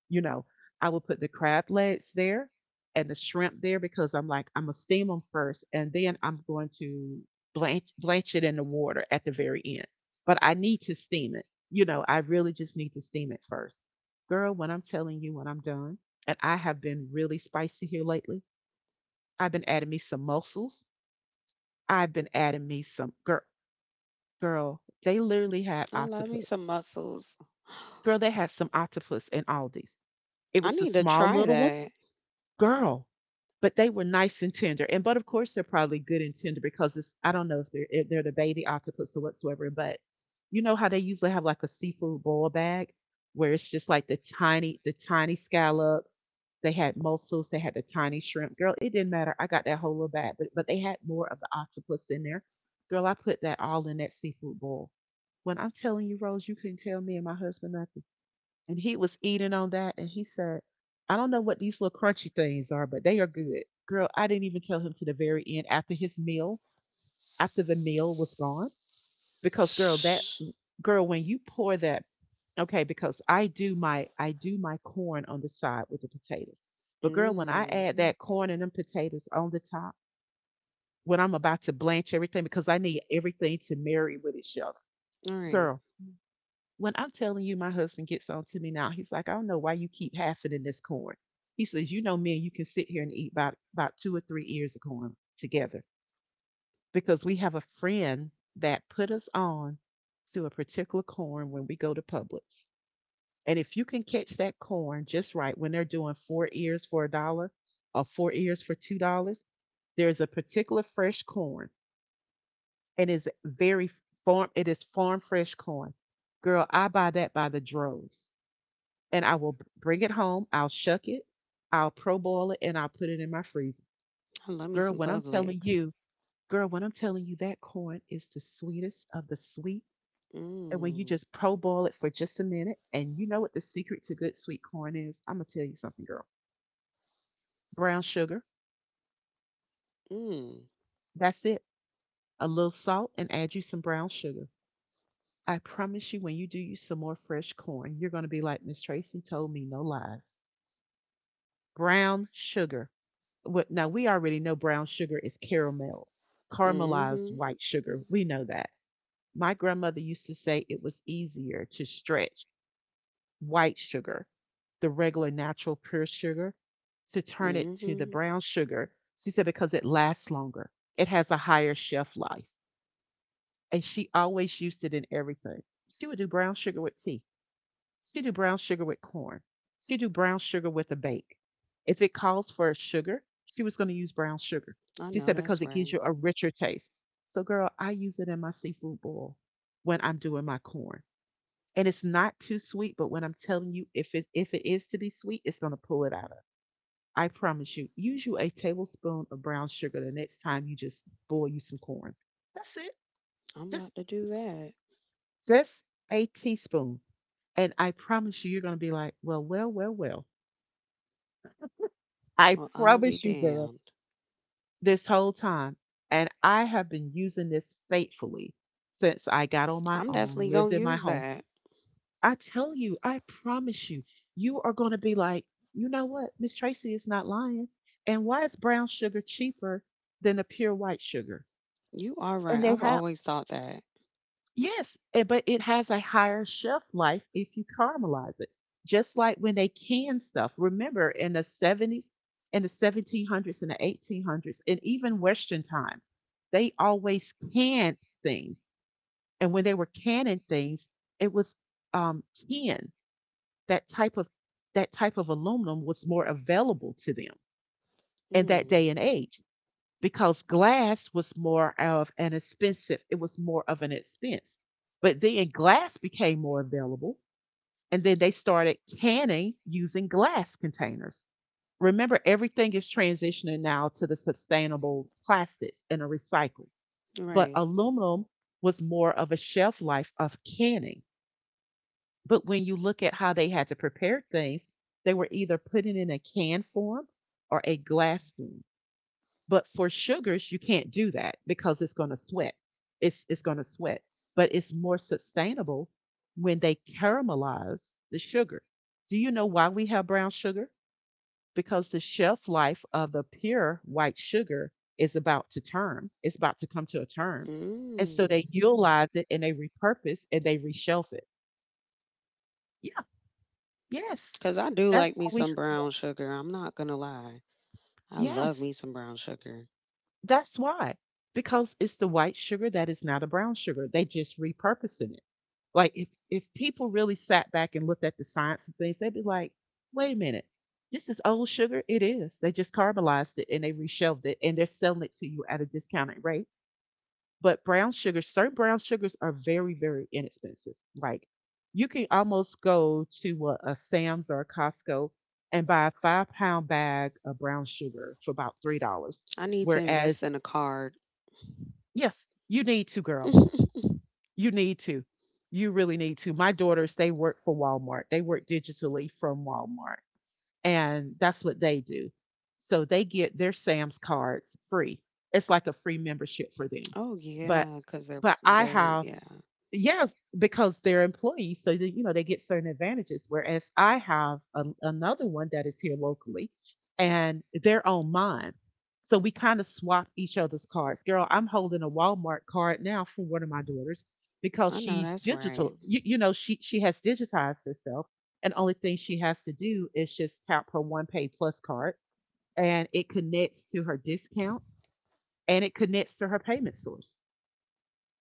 A: you know, I would put the crab legs there and the shrimp there, because I'm like, I'm gonna steam them first and then I'm going to blanch it in the water at the very end. But I need to steam it. You know, I really just need to steam it first. Girl, when I'm telling you when I'm done, and I have been really spicy here lately. I've been adding me some mussels. I've been adding me some girl girl, they literally had
B: I love me
A: octopus.
B: some muscles.
A: Girl, they had some octopus in Aldi's. It
B: I
A: was the
B: need to
A: small
B: try
A: little ones.
B: that.
A: Girl, but they were nice and tender. And but of course they're probably good and tender because it's I don't know if they're the baby octopus or whatsoever, but you know how they usually have like a seafood boil bag where it's just like the tiny scallops. They had mussels, they had the tiny shrimp. Girl, it didn't matter. I got that whole little bag, but they had more of the octopus in there. Girl, I put that all in that seafood bowl. When I'm telling you, Rose, you couldn't tell me and my husband nothing, and he was eating on that and he said, I don't know what these little crunchy things are, but they are good, girl. I didn't even tell him to the very end after his meal, after the meal was gone, because girl, that girl, when you pour that okay, because I do my corn on the side with the potatoes, but girl, when I
B: Mm.
A: add that corn and them potatoes on the top, when I'm about to blanch everything, because I need everything to marry with each other,
B: All right.
A: girl. When I'm telling you, my husband gets on to me now. He's like, I don't know why you keep halfing in this corn. He says, you know, men, you can sit here and eat about two or three ears of corn together, because we have a friend that put us on to a particular corn when we go to Publix. And if you can catch that corn just right when they're doing four ears for a dollar or four ears for $2, there's a particular fresh corn, and is very farm it is farm fresh corn. Girl, I buy that by the droves, and I will bring it home. I'll shuck it, I'll pro boil it, and I'll put it in my freezer.
B: I love me
A: Girl,
B: some
A: when I'm
B: Publix.
A: telling you, girl, when I'm telling you that corn is the sweetest of the sweet. And when you
B: Mm.
A: just pro boil it for just a minute, and you know what the secret to good sweet corn is, I'm gonna tell you something, girl. Brown sugar.
B: Mm.
A: That's it. A little salt and add you some brown sugar. I promise you, when you do you some more fresh corn, you're gonna be like Miss Tracy told me no lies. Brown sugar. What, now we already know brown sugar is caramel, caramelized
B: Mm-hmm.
A: white sugar. We know that. My grandmother used to say it was easier to stretch white sugar, the regular natural pure sugar, to turn it to the
B: Mm-hmm.
A: brown sugar. She said because it lasts longer. It has a higher shelf life. And she always used it in everything. She would do brown sugar with tea. She do brown sugar with corn. She do brown sugar with a bake. If it calls for sugar, she was going to use brown sugar.
B: I
A: She
B: know
A: said because
B: that's
A: it gives
B: right.
A: you a richer taste. So, girl, I use it in my seafood boil when I'm doing my corn, and it's not too sweet. But when I'm telling you, if it is to be sweet, it's going to pull it out of. I promise you. Use you a tablespoon of brown sugar the next time you just boil you some corn. That's it.
B: I'm
A: Just
B: about to do that.
A: just a teaspoon. And I promise you, you're going to be like, well, well, well, well. I
B: Well, I'll be
A: promise you, girl,
B: damned.
A: this whole time. And I have been using this faithfully since I got on my
B: I'm
A: own,
B: definitely
A: lived
B: gonna
A: in my
B: use
A: home.
B: that.
A: I tell you, I promise you, you are going to be like, you know what? Miss Tracy is not lying. And why is brown sugar cheaper than the pure white sugar?
B: You are
A: And
B: right.
A: they
B: I've
A: have.
B: always thought that.
A: Yes, eh, but it has a higher shelf life if you caramelize it. Just like when they can stuff. Remember in the 70s, in the 1700s and the 1800s, and even Western time, they always canned things. And when they were canning things, it was tin. That type of that type of aluminum was more available to them in that
B: Mm.
A: day and age because glass was more of an expensive, it was more of an expense. But then glass became more available, and then they started canning using glass containers. Remember, everything is transitioning now to the sustainable plastics and the recycles. But
B: Right.
A: aluminum was more of a shelf life of canning. But when you look at how they had to prepare things, they were either putting in a can form or a glass form. But for sugars, you can't do that because it's going to sweat. It's going to sweat, but it's more sustainable when they caramelize the sugar. Do you know why we have brown sugar? Because the shelf life of the pure white sugar is about to term. It's about to come to a term. And so
B: Mm.
A: they utilize it and they repurpose and they reshelf it. Yeah, yes.
B: 'Cause I do
A: That's
B: like
A: why
B: me
A: we
B: some
A: have,
B: brown sugar, I'm not gonna lie. I love
A: yes.
B: me some brown sugar.
A: That's why. Because it's the white sugar that is not a brown sugar. They just repurposing it. Like, if people really sat back and looked at the science of things, they'd be like, wait a minute, this is old sugar. It is. They just caramelized it and they reshelved it and they're selling it to you at a discounted rate. But brown sugar, certain brown sugars are very, very inexpensive. Like, you can almost go to a Sam's or a Costco and buy a 5 pound bag of brown sugar for about $3.
B: I need to invest
A: Whereas.
B: in a card.
A: Yes, you need to, girl. You need to. You really need to. My daughters, they work for Walmart. They work digitally from Walmart, and that's what they do. So they get their Sam's cards free. It's like a free membership for them.
B: Oh
A: But
B: yeah, because they 'cause
A: but I.
B: they're yeah.
A: Yes, because they're employees, so that, you know, they get certain advantages. Whereas I have an another one that is here locally, and they're on mine, so we kind of swap each other's cards. Girl, I'm holding a Walmart card now for one of my daughters because
B: I know
A: she's
B: that's right.
A: digital. You know, she has digitized herself, and only thing she has to do is just tap her one pay plus card, and it connects to her discount and it connects to her payment source.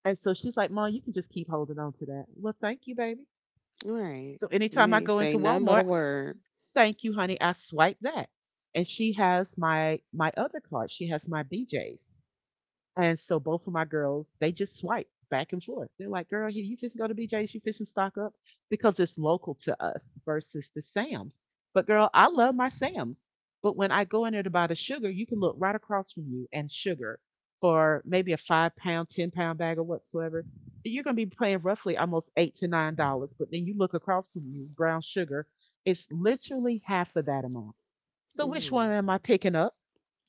A: And so she's like, Mom, you can just keep holding on to that. Well, thank you, baby.
B: Right.
A: So
B: You
A: anytime I
B: ain't
A: go
B: say
A: into
B: nothing but a
A: Walmart,
B: word.
A: thank you, honey. I swipe that. And she has my other card. She has my BJ's. And so both of my girls, they just swipe back and forth. They're like, girl, here you just go to BJ's, you fishing stock up because it's local to us versus the Sam's. But girl, I love my Sam's. But when I go in there to buy the sugar, you can look right across from you and sugar for maybe a 5 pound, 10 pound bag or whatsoever. You're gonna be paying roughly almost $8 to $9. But then you look across from you, brown sugar, it's literally half of that amount. So which one
B: Mm.
A: am I picking up?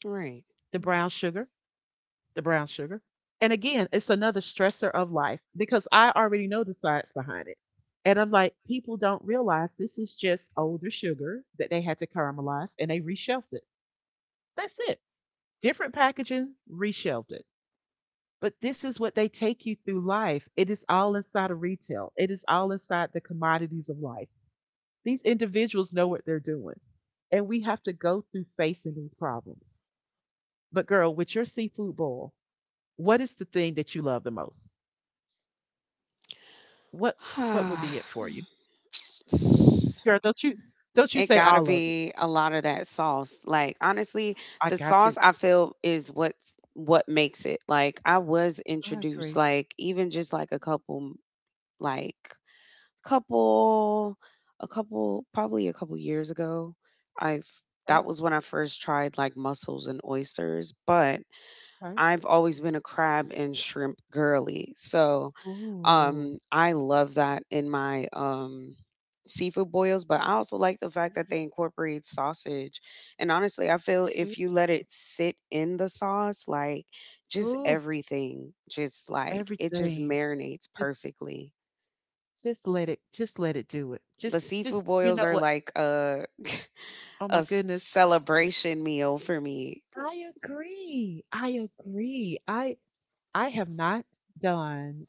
B: Right.
A: The brown sugar the brown sugar. And again, it's another stressor of life because I already know the science behind it. And I'm like, people don't realize this is just older sugar that they had to caramelize and they reshelved it. That's it. Different packaging, reshelved it. But this is what they take you through life. It is all inside of retail, it is all inside the commodities of life. These individuals know what they're doing. And we have to go through facing these problems. But, girl, with your seafood bowl, what is the thing that you love the most? What what would be it for you? Girl, don't you
B: It
A: say
B: gotta
A: all of it.
B: be a lot of that sauce. Like honestly,
A: I
B: the
A: got you.
B: sauce I feel is what makes it. Like I was
A: I
B: introduced,
A: agree.
B: like even just like a like couple couple probably a couple years ago I've
A: Right?
B: that was when I first tried like mussels and oysters, but
A: Right.
B: I've always been a crab and shrimp girly. So
A: Ooh.
B: I love that in my seafood boils, but I also like the fact that
A: Yes,
B: they incorporate sausage. And honestly, I
A: me
B: feel
A: too.
B: if you let it sit in the sauce, like, just
A: Ooh,
B: everything just like it just
A: everything.
B: marinates
A: Just
B: perfectly.
A: just let it, just let it do it.
B: But
A: Just
B: seafood
A: you
B: boils
A: know
B: are
A: what?
B: like a
A: Oh
B: a
A: my
B: s-
A: goodness.
B: celebration meal for me.
A: I agree. I agree. I have not done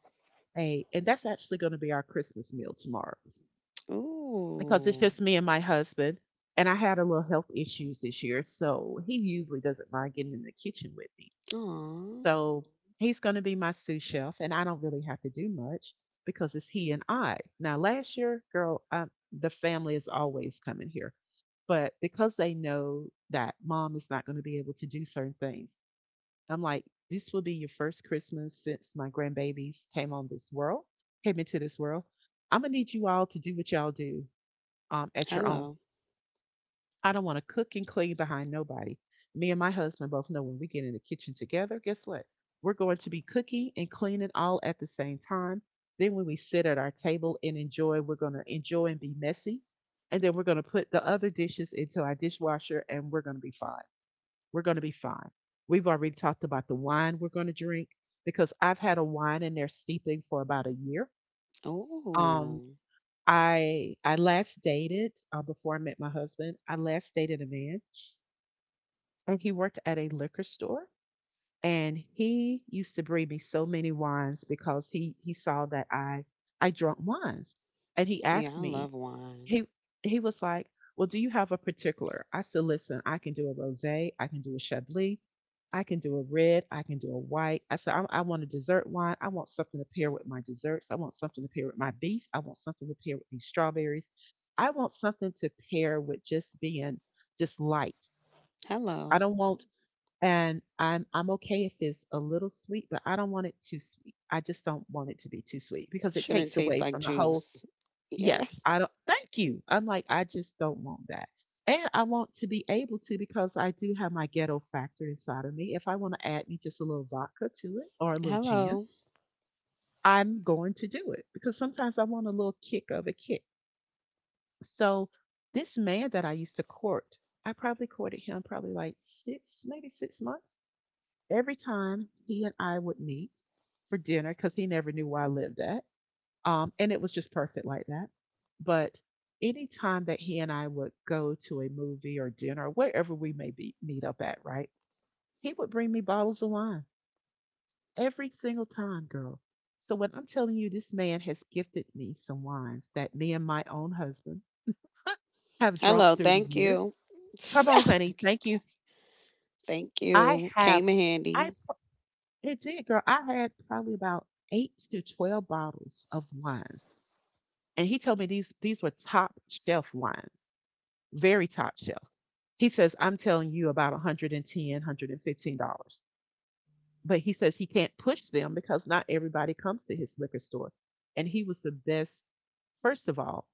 A: a, and that's actually going to be our Christmas meal tomorrow. Because it's
B: Ooh.
A: just me and my husband. And I had a little health issues this year, so he usually doesn't mind getting in the kitchen with me.
B: Aw.
A: So he's going to be my sous chef, and I don't really have to do much because it's he and I. Now, last year, girl, the family is always coming here, but because they know that mom is not going to be able to do certain things, I'm like, this will be your first Christmas since my grandbabies came on this world, came into this world. I'm gonna need you all to do what y'all do at your own.
B: Hello.
A: I don't want to cook and clean behind nobody. Me and my husband both know when we get in the kitchen together, guess what? We're going to be cooking and cleaning all at the same time. Then when we sit at our table and enjoy, we're going to enjoy and be messy. And then we're going to put the other dishes into our dishwasher and we're going to be fine. We're going to be fine. We've already talked about the wine we're going to drink because I've had a wine in there steeping for about a year. Um,
B: Ooh.
A: I last dated before I met my husband. I last dated a man, and he worked at a liquor store. And he used to bring me so many wines because he saw that I drunk wines, and he
B: Yeah,
A: asked
B: I
A: me,
B: love wine.
A: he he was like, "Well, do you have a particular?" I said, "Listen, I can do a rosé, I can do a chablis, I can do a red, I can do a white." I said, I want a dessert wine. I want something to pair with my desserts. I want something to pair with my beef. I want something to pair with these strawberries. I want something to pair with just being just light. I
B: Hello.
A: don't want, and I'm okay if it's a little sweet, but I don't want it too sweet. I just don't want it to be too sweet because it
B: Shouldn't
A: takes
B: taste
A: away
B: like
A: from the whole.
B: juice. Yeah.
A: Yes, I don't, thank you. I'm like, I just don't want that. And I want to be able to, because I do have my ghetto factor inside of me. If I want to add me just a little vodka to it or a little gin,
B: Hello.
A: I'm going to do it because sometimes I want a little kick of a kick. So this man that I used to court, I probably courted him probably like six, maybe 6 months, every time he and I would meet for dinner because he never knew where I lived at. And it was just perfect like that. But any time that he and I would go to a movie or dinner or wherever we may be meet up at, right? He would bring me bottles of wine every single time, girl. So when I'm telling you, this man has gifted me some wines that me and my own husband have drunk
B: Hello.
A: through the
B: Thank
A: years.
B: you.
A: Come on, honey. Thank you.
B: Thank
A: I
B: you.
A: have
B: Came in
A: I
B: handy.
A: It did, girl. I had probably about eight to 12 bottles of wines. And he told me these were top shelf wines, very top shelf. He says, I'm telling you, about 110, $115. But he says he can't push them because not everybody comes to his liquor store. And he was the best. First of all,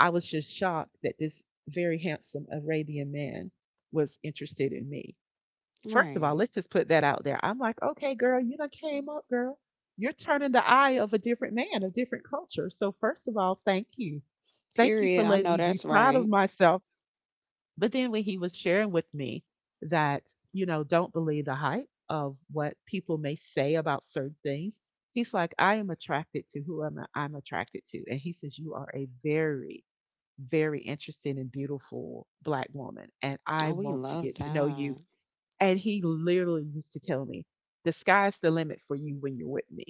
A: I was just shocked that this very handsome Arabian man was interested in me. First of all,
B: Right.
A: let's just put that out there. I'm like, okay, girl, you done came up, girl. You're turning the eye of a different man, a different culture. So, first of all, thank you. Thank you
B: Period.
A: for
B: I
A: letting
B: know
A: me be
B: that's
A: proud
B: right.
A: of myself. But then when he was sharing with me that, you know, don't believe the hype of what people may say about certain things, he's like, I am attracted to who I'm attracted to. And he says, you are a very, very interesting and beautiful black woman. And
B: Oh,
A: I
B: we
A: want to
B: love
A: get to know
B: that.
A: you. And he literally used to tell me, the sky's the limit for you when you're with me.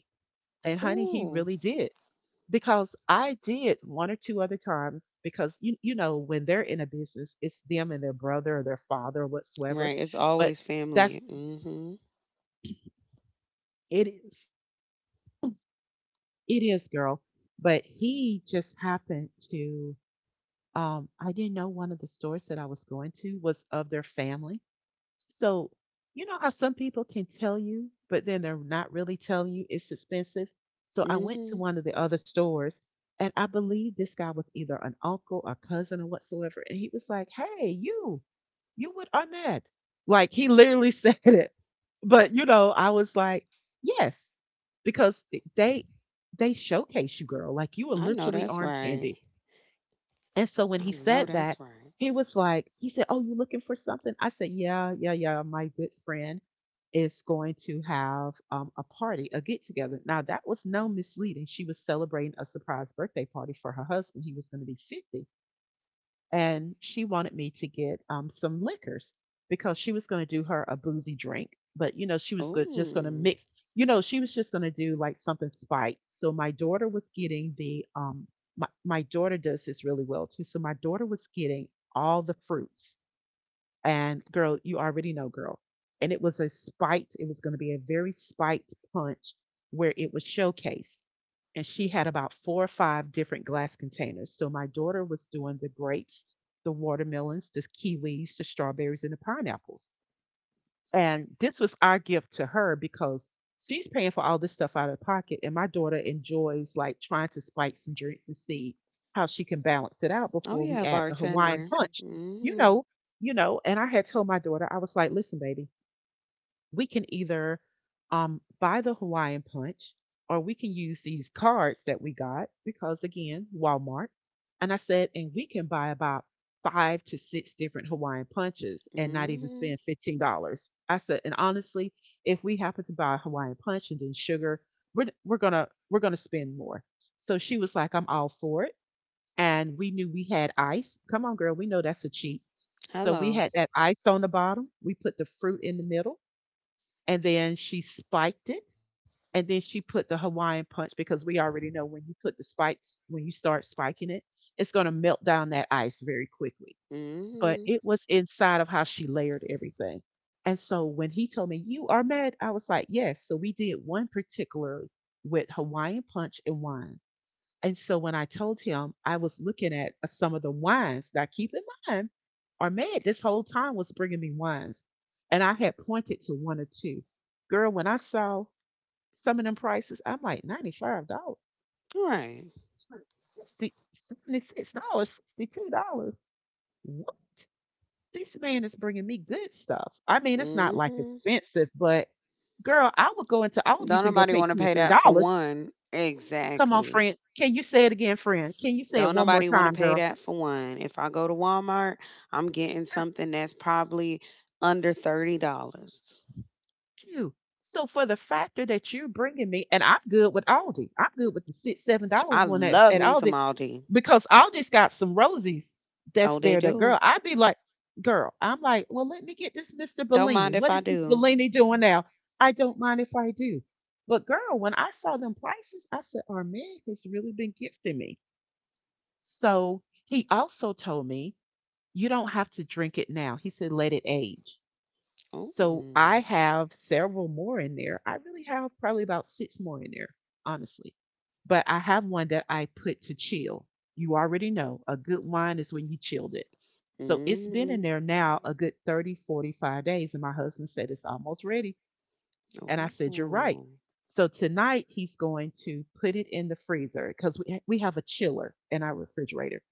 A: And honey, he
B: Ooh.
A: really did. Because I did one or two other times, because you know, when they're in a business, it's them and their brother or their father or whatsoever.
B: Right. It's
A: But
B: always family.
A: that's,
B: Mm-hmm.
A: it is, it is, girl. But he just happened to, I didn't know one of the stores that I was going to was of their family. So, you know how some people can tell you, but then they're not really telling you it's expensive? So I went to
B: Mm-hmm.
A: one of the other stores and I believe this guy was either an uncle or cousin or whatsoever. And he was like, hey, you with Arnett. Like he literally said it. But you know, I was like, yes, because they showcase you, girl. Like you were
B: I know
A: literally
B: that's
A: arm
B: right.
A: candy. And so when
B: I
A: he
B: know
A: said
B: that's
A: that,
B: right.
A: he was like, he said, oh, you looking for something? I said, yeah, yeah, yeah. My good friend is going to have a party, a get together. Now, that was no misleading. She was celebrating a surprise birthday party for her husband. He was going to be 50 and she wanted me to get some liquors because she was going to do her a boozy drink, but you know she was just going to
B: Oh,
A: mix. You know she was just going to do like something spiked. So my daughter was getting the my my daughter does this really well too. So my daughter was getting all the fruits and girl, you already know, girl. And it was a spiked, it was going to be a very spiked punch where it was showcased. And she had about four or five different glass containers. So my daughter was doing the grapes, the watermelons, the kiwis, the strawberries, and the pineapples. And this was our gift to her because she's paying for all this stuff out of pocket. And my daughter enjoys like trying to spike some drinks and see how she can balance it out
B: oh
A: before
B: yeah,
A: we add the
B: bartender.
A: Hawaiian punch, you
B: Mm-hmm.
A: know, you know. And I had told my daughter, I was like, listen, baby, we can either buy the Hawaiian punch or we can use these cards that we got because, again, Walmart. And I said, and we can buy about five to six different Hawaiian punches and not even
B: Mm-hmm.
A: spend $15. I said, and honestly, if we happen to buy a Hawaiian punch and then sugar, we're gonna spend more. So she was like, I'm all for it. And we knew we had ice. Come on, girl, we know that's a cheat. So we
B: Hello.
A: had that ice on the bottom. We put the fruit in the middle and then she spiked it and then she put the Hawaiian punch because we already know when you put the spikes when you start spiking it, it's going to melt down that ice very quickly. But
B: Mm-hmm.
A: it was inside of how she layered everything. And so when he told me you are mad, I was like, yes. So we did one particularly with Hawaiian punch and wine. And so when I told him, I was looking at some of the wines. Now, keep in mind, Ahmed this whole time was bringing me wines, and I had pointed to one or two. Girl, when I saw some of them prices, I'm like $95,
B: Right.
A: $60, $76, $62. What? This man is bringing me good stuff. I mean, it's not like
B: Mm-hmm.
A: expensive, but girl, I would go into
B: Don't
A: Aldi's and go
B: nobody
A: pay
B: want to
A: two or
B: pay that for
A: $3.
B: one.
A: Come on,
B: Exactly.
A: friend. Can you say it again, friend? Can you say it
B: Don't
A: one more
B: nobody want to
A: time,
B: pay
A: girl?
B: that for one. If I go to Walmart, I'm getting something that's probably under $30.
A: You. So for the factor that you're bringing me, and I'm good with Aldi. I'm good with the six, seven
B: Ch-
A: dollar
B: I
A: one
B: love
A: at
B: me some
A: Aldi
B: Aldi.
A: because Aldi's got some rosies that's
B: Oh, they
A: there. That girl,
B: do.
A: I'd be like, girl, I'm like, well, let me get this Mr.
B: Don't
A: Bellini.
B: mind if
A: What
B: I
A: is this
B: do.
A: Bellini doing now? I don't mind if I do. But girl, when I saw them prices, I said, our man has really been gifting me. So he also told me, you don't have to drink it now. He said, let it age. So I
B: Oh.
A: have several more in there. I really have probably about six more in there, honestly. But I have one that I put to chill. You already know a good wine is when you chilled it. So it's been
B: Mm-hmm.
A: in there now a good 30, 45 days. And my husband said it's almost ready. And I said, you're
B: Oh,
A: right. So tonight he's going to put it in the freezer because we have a chiller in our refrigerator.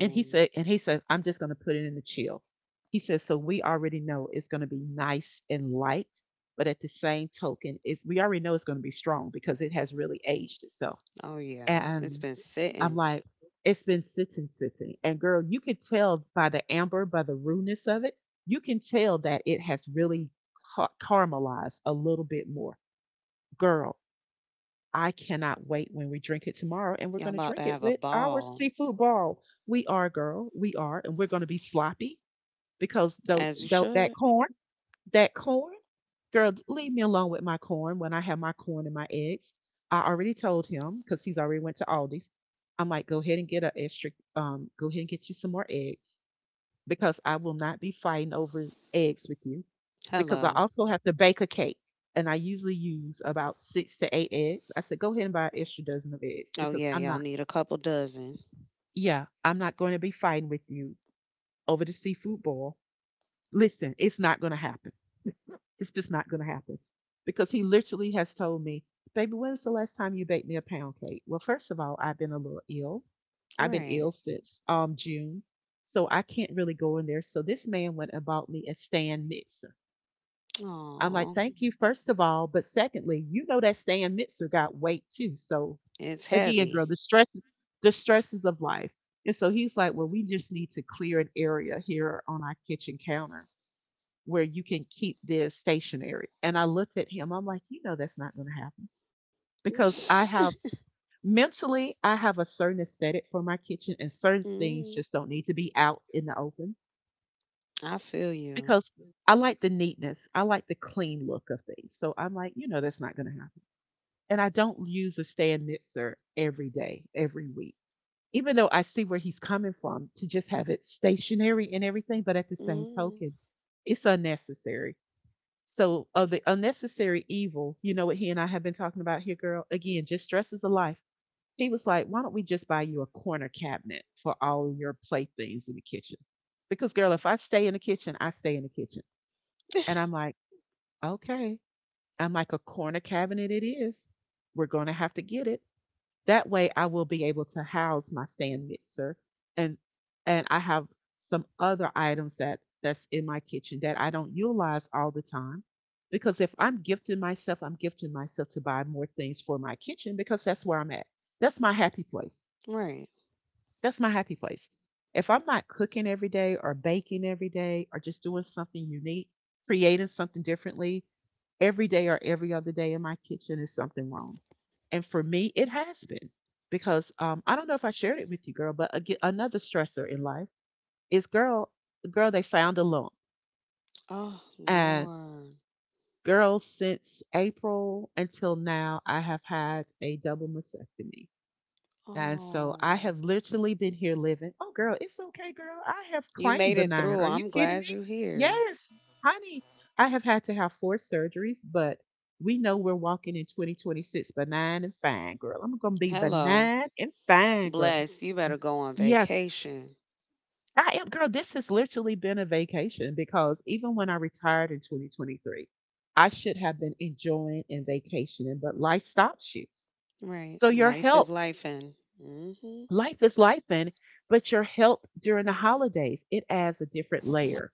A: And he said, I'm just going to put it in the chill. He says, so we already know it's going to be nice and light, but at the same token, it's we already know it's going to be strong because it has really aged itself.
B: oh, yeah. It's
A: And
B: been
A: I'm
B: sitting.
A: like, it's been sitting, sitting. And girl, you can tell by the amber, by the rudeness of it, you can tell that it has really caramelized a little bit more. Girl, I cannot wait when we drink it tomorrow, and we're
B: Y'all
A: going to
B: about
A: drink
B: to
A: it
B: have a
A: with our
B: ball,
A: seafood ball. We are, girl. We are, and we're going to be sloppy because those,
B: as you
A: those
B: should.
A: that corn, girl, leave me alone with my corn. When I have my corn and my eggs, I already told him because he's already went to Aldi's. I'm like, go ahead and get a extra. Go ahead and get you some more eggs because I will not be fighting over eggs with you because I
B: Hello.
A: also have to bake a cake. And I usually use about six to eight eggs. I said, go ahead and buy an extra dozen of eggs
B: Oh,
A: because
B: yeah.
A: I'm
B: Y'all
A: not,
B: need a couple dozen.
A: yeah, I'm not going to be fighting with you over the seafood boil. Listen, it's not going to happen. It's just not going to happen because he literally has told me, baby, when was the last time you baked me a pound cake? Well, first of all, I've been a little ill. I've been
B: Right.
A: ill since June. So I can't really go in there. So this man went and bought me a stand mixer. I'm like,
B: Aw,
A: thank you, first of all. But secondly, you know that stand mixer got weight too. So
B: it's
A: again,
B: heavy.
A: girl, the stresses of life. And so he's like, well, we just need to clear an area here on our kitchen counter where you can keep this stationary. And I looked at him. I'm like, you know, that's not going to happen because I
B: Mm.
A: have mentally, I have a certain aesthetic for my kitchen, and certain things just don't need to be out in the open
B: I feel you.
A: because I like the neatness. I like the clean look of things. So I'm like, you know, that's not going to happen. And I don't use a stand mixer every day, every week. Even though I see where he's coming from to just have it stationary and everything, but at the same
B: Mm,
A: token, it's unnecessary. So of the unnecessary evil, you know what he and I have been talking about here, girl. Again, just stresses of life. He was like, "Why don't we just buy you a corner cabinet for all your playthings in the kitchen?" Because girl, if I stay in the kitchen, I stay in the kitchen. And I'm like, "Okay." I'm like, "A corner cabinet it is. We're going to have to get it that way I will be able to house my stand mixer and I have some other items that that's in my kitchen that I don't utilize all the time because if I'm gifting myself, I'm gifting myself to buy more things for my kitchen because that's where I'm at. That's my happy place.
B: right.
A: That's my happy place. If I'm not cooking every day or baking every day or just doing something unique, creating something differently, every day or every other day in my kitchen is something wrong. And for me, it has been because I don't know if I shared it with you, girl, but again, another stressor in life is girl, girl, they found a lump.
B: Oh,
A: And
B: Lord.
A: girl, since April until now, I have had a double mastectomy. And so I
B: Oh,
A: have literally been here living. Oh, girl, it's okay, girl. I have
B: you made
A: claimed the
B: it
A: nine.
B: through.
A: Are you
B: I'm
A: kidding
B: glad
A: me?
B: you're here.
A: Yes, honey. I have had to have four surgeries, but we know we're walking in 2026 benign and fine, girl. I'm going to be
B: Hello.
A: benign and fine, girl.
B: Blessed. You better go on
A: Yes,
B: vacation.
A: I am, girl. This has literally been a vacation because even when I retired in 2023, I should have been enjoying and vacationing, but life stops you.
B: Right.
A: So your
B: Life is
A: health
B: life, and hmm,
A: life is life, and but your health during the holidays it adds a different layer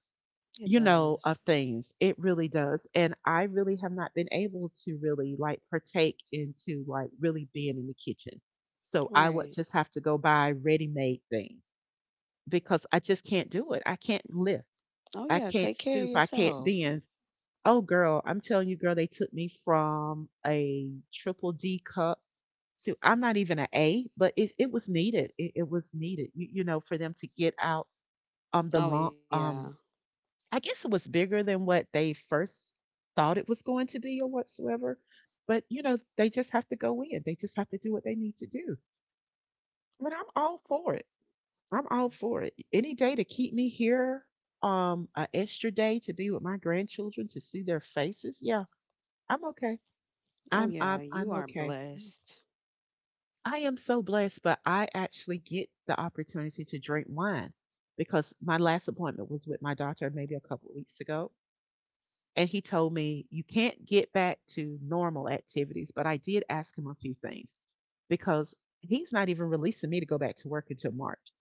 B: it does.
A: of things. It really does. And I really have not been able to really like partake into like really being in the kitchen, so I
B: Right.
A: would just have to go buy ready made things because I just can't do it. I can't lift,
B: Oh
A: I
B: yeah, take
A: can't
B: care of
A: stoop, I can't
B: yourself.
A: bend. Oh girl, I'm telling you, girl, they took me from a triple D cup, so I'm not even an A, but it was needed. It was needed, you know, for them to get out the
B: Oh
A: lump.
B: yeah.
A: I guess it was bigger than what they first thought it was going to be or whatsoever. But you know, they just have to go in. They just have to do what they need to do. But I'm all for it. I'm all for it. Any day to keep me here, an extra day to be with my grandchildren to see their faces. Yeah, I'm okay.
B: Oh
A: I'm
B: yeah,
A: I'm
B: you
A: I'm
B: are
A: okay.
B: blessed.
A: I am so blessed, but I actually get the opportunity to drink wine because my last appointment was with my doctor maybe a couple of weeks ago. And he told me, you can't get back to normal activities. But I did ask him a few things because he's not even releasing me to go back to work until March.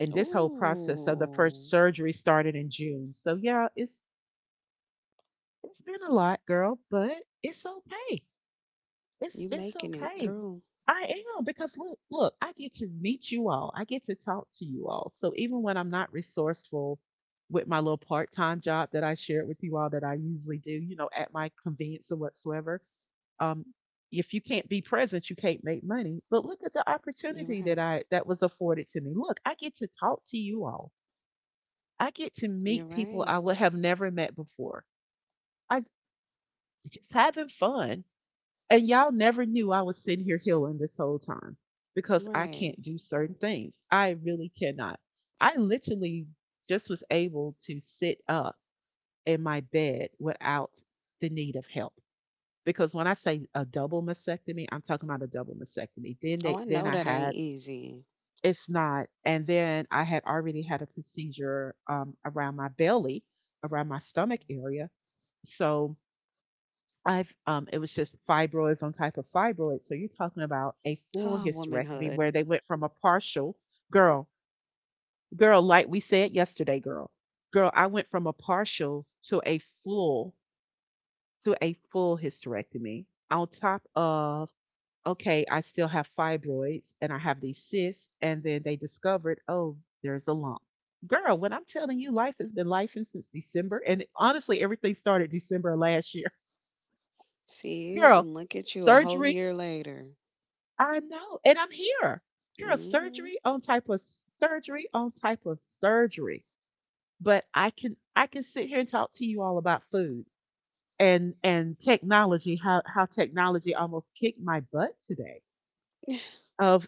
A: And this whole process of the
B: Ooh.
A: first surgery started in June. So yeah, it's been a lot, girl, but it's okay.
B: You
A: It's
B: making it
A: okay.
B: through.
A: I am because look, look, I get to meet you all. I get to talk to you all. So even when I'm not resourceful with my little part-time job that I shared with you all that I usually do, you know, at my convenience or whatsoever, um, if you can't be present, you can't make money. But look at the
B: You're right.
A: opportunity that I that was afforded to me. Look, I get to talk to you all. I get to
B: You're
A: meet
B: right.
A: people I would have never met before. I just having fun, and y'all never knew I was sitting here healing this whole time because I
B: Right.
A: can't do certain things. I really cannot. I literally just was able to sit up in my bed without the need of help. Because when I say a double mastectomy, I'm talking about a double mastectomy.
B: Oh, I
A: Then they
B: know
A: then
B: that
A: I
B: ain't
A: had
B: easy.
A: it's not, and then I had already had a procedure around my belly, around my stomach area. So I've it was just fibroids on type of fibroids. So you're talking about a
B: Oh,
A: full hysterectomy
B: womanhood.
A: where they went from a partial girl, girl, like we said yesterday, girl, girl. I went from a partial to a full hysterectomy. On top of okay, I still have fibroids and I have these cysts, and then they discovered oh, there's a lump. Girl, when I'm telling you, life has been life since December, and honestly, everything started December of last year.
B: See,
A: Girl,
B: and look at you a whole
A: surgery
B: year later.
A: I know, and I'm here. Girl,
B: Mhm.
A: surgery on type of surgery on type of surgery. But I can sit here and talk to you all about food and technology, how technology almost kicked my butt today. Of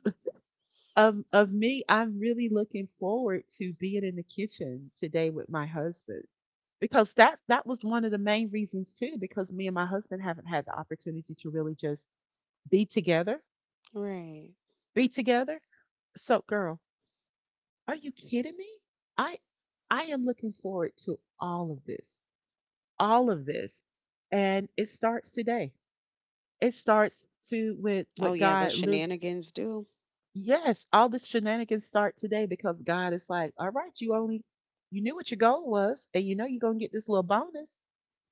A: of me, I'm really looking forward to being in the kitchen today with my husband. Because that was one of the main reasons too, because me and my husband haven't had the opportunity to really just be together,
B: Right.
A: be together. So girl, are you kidding me? I I am looking forward to all of this. All of this. And it starts today. It starts to with
B: Oh
A: what
B: yeah, the
A: God.
B: shenanigans do.
A: Yes, all the shenanigans start today because God is like, all right, you only you knew what your goal was, and you know you're gonna get this little bonus.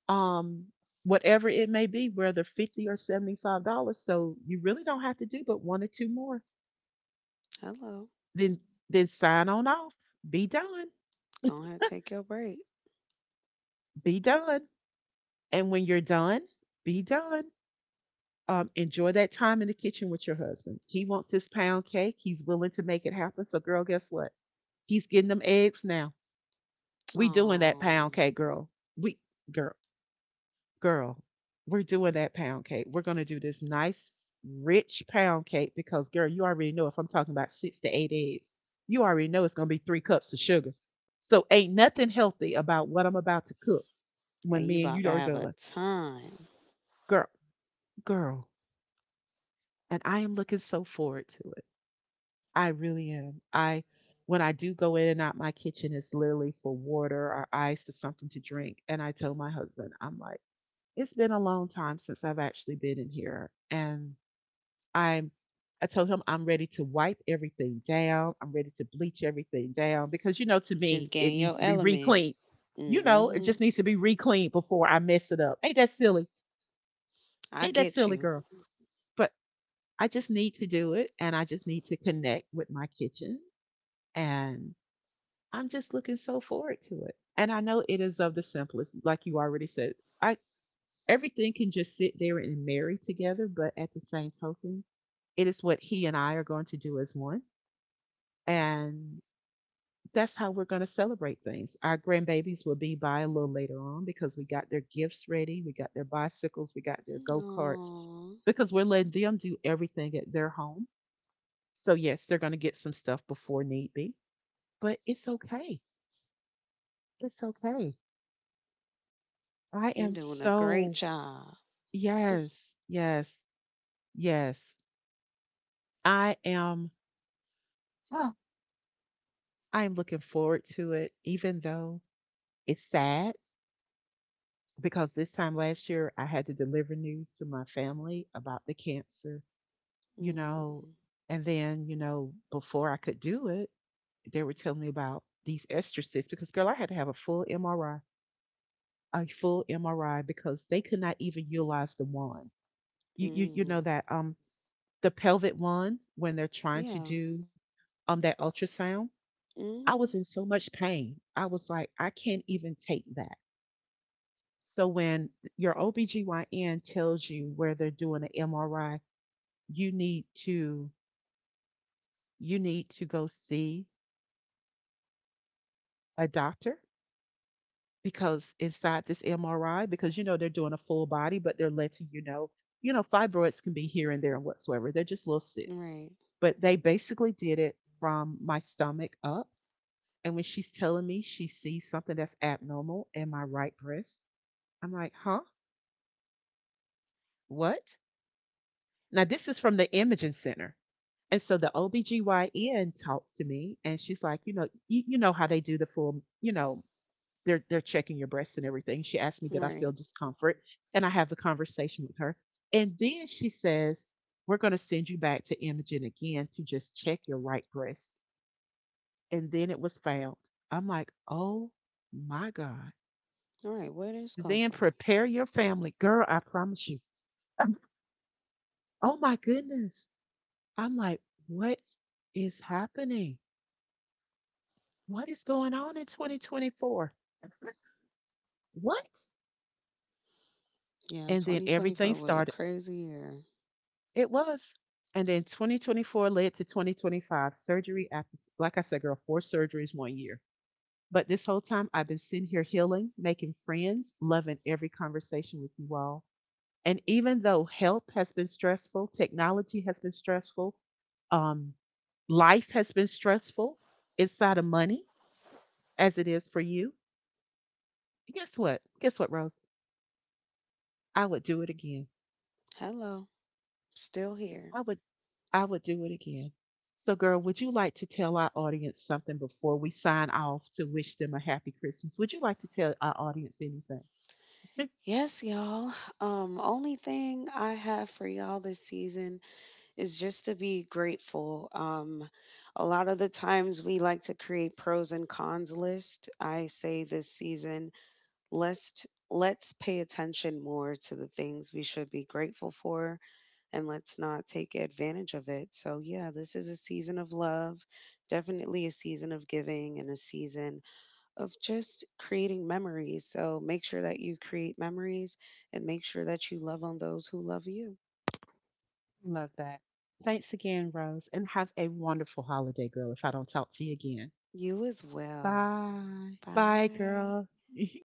A: Um Whatever it may be, whether $50 or $75. So you really don't have to do but one or two more.
B: Hello.
A: Then then sign on off. Be done.
B: Go ahead, take your break.
A: Be done. And when you're done, be done. Enjoy that time in the kitchen with your husband. He wants his pound cake. He's willing to make it happen. So, girl, guess what? He's getting them eggs now. We doing that
B: Oh,
A: pound cake, girl. We girl, girl, we're doing that pound cake. We're gonna do this nice, rich pound cake because, girl, you already know if I'm talking about six to eight eggs, you already know it's gonna be three cups of sugar. So, ain't nothing healthy about what I'm about to cook
B: and
A: when
B: you
A: me and
B: about to
A: you are
B: have a
A: done,
B: time.
A: girl. Girl, and I am looking so forward to it. I really am. I when I do go in and out my kitchen it's literally for water or ice or something to drink. And I tell my husband, I'm like, it's been a long time since I've actually been in here. And I'm I told him I'm ready to wipe everything down. I'm ready to bleach everything down because you know to
B: Just
A: me
B: getting
A: it
B: your
A: needs to be
B: element.
A: re-cleaned. You
B: Mm
A: know,
B: hmm
A: it just needs to be re-cleaned before I mess it up. Ain't that silly?
B: I get
A: Ain't that
B: you.
A: silly, girl? But. I just need to do it and I just need to connect with my kitchen. And I'm just looking so forward to it. And I know it is of the simplest, like you already said. I everything can just sit there and marry together, but at the same token, it is what he and I are going to do as one. And that's how we're going to celebrate things. Our grandbabies will be by a little later on because we got their gifts ready, we got their bicycles, we got their go karts,
B: Oh,
A: because we're letting them do everything at their home. So yes, they're going to get some stuff before need be, but it's okay. It's okay.
B: you're
A: I am
B: doing a great
A: so
B: job. mm
A: yes, yes, yes. I am oh, I am looking forward to it even though it's sad because this time last year I had to deliver news to my family about the cancer, you
B: hmm
A: know, and then, you know, before I could do it, they were telling me about these extra cysts because girl, I had to have a full MRI, a full MRI because they could not even utilize the wand.
B: mm
A: You know
B: hmm
A: that the pelvic wand when they're trying to
B: Yeah.
A: do that ultrasound.
B: mm
A: I
B: hmm
A: was in so much pain. I was like, I can't even take that. So when your OBGYN tells you where they're doing an MRI, you need to you need to go see a doctor because inside this MRI, because you know they're doing a full body, but they're letting you know, fibroids can be here and there and whatsoever. They're just little cysts.
B: Right.
A: But they basically did it from my stomach up. And when she's telling me she sees something that's abnormal in my right breast, I'm like, huh? What? Now, this is from the imaging center. And so the OBGYN talks to me and she's like, you know, you know how they do the full, you know, they're checking your breasts and everything. She asked me, did I
B: Right.
A: feel discomfort? And I have the conversation with her. And then she says, we're going to send you back to Imogen again to just check your right breast. And then it was found. I'm like, oh my God.
B: All right. Where did this
A: So
B: come
A: then
B: from?
A: prepare your family. Girl, I promise you. Um, Oh my goodness. I'm like, what is happening? What is going on in 2024? What?
B: Yeah,
A: And then
B: 2024
A: everything
B: was a
A: started.
B: crazy year.
A: It was. And then 2024 led to 2025 surgery after, like I said, girl, four surgeries 1 year. But this whole time, I've been sitting here healing, making friends, loving every conversation with you all. And even though health has been stressful, technology has been stressful, um, life has been stressful inside of money, as it is for you, guess what? Guess what, Rose? I would do it again.
B: Hello. Still here.
A: I would I would do it again. So girl, would you like to tell our audience something before we sign off to wish them a happy Christmas? Would you like to tell our audience anything?
B: Yes, y'all. Only thing I have for y'all this season is just to be grateful. A lot of the times we like to create pros and cons list. I say this season, let's pay attention more to the things we should be grateful for, and let's not take advantage of it. So yeah, this is a season of love, definitely a season of giving and a season of just creating memories. So make sure that you create memories, and make sure that you love on those who love you.
A: Love that. Thanks again, Rose, and have a wonderful holiday, girl, if I don't talk to you again.
B: You as well.
A: Bye. Bye,
B: Bye.
A: girl.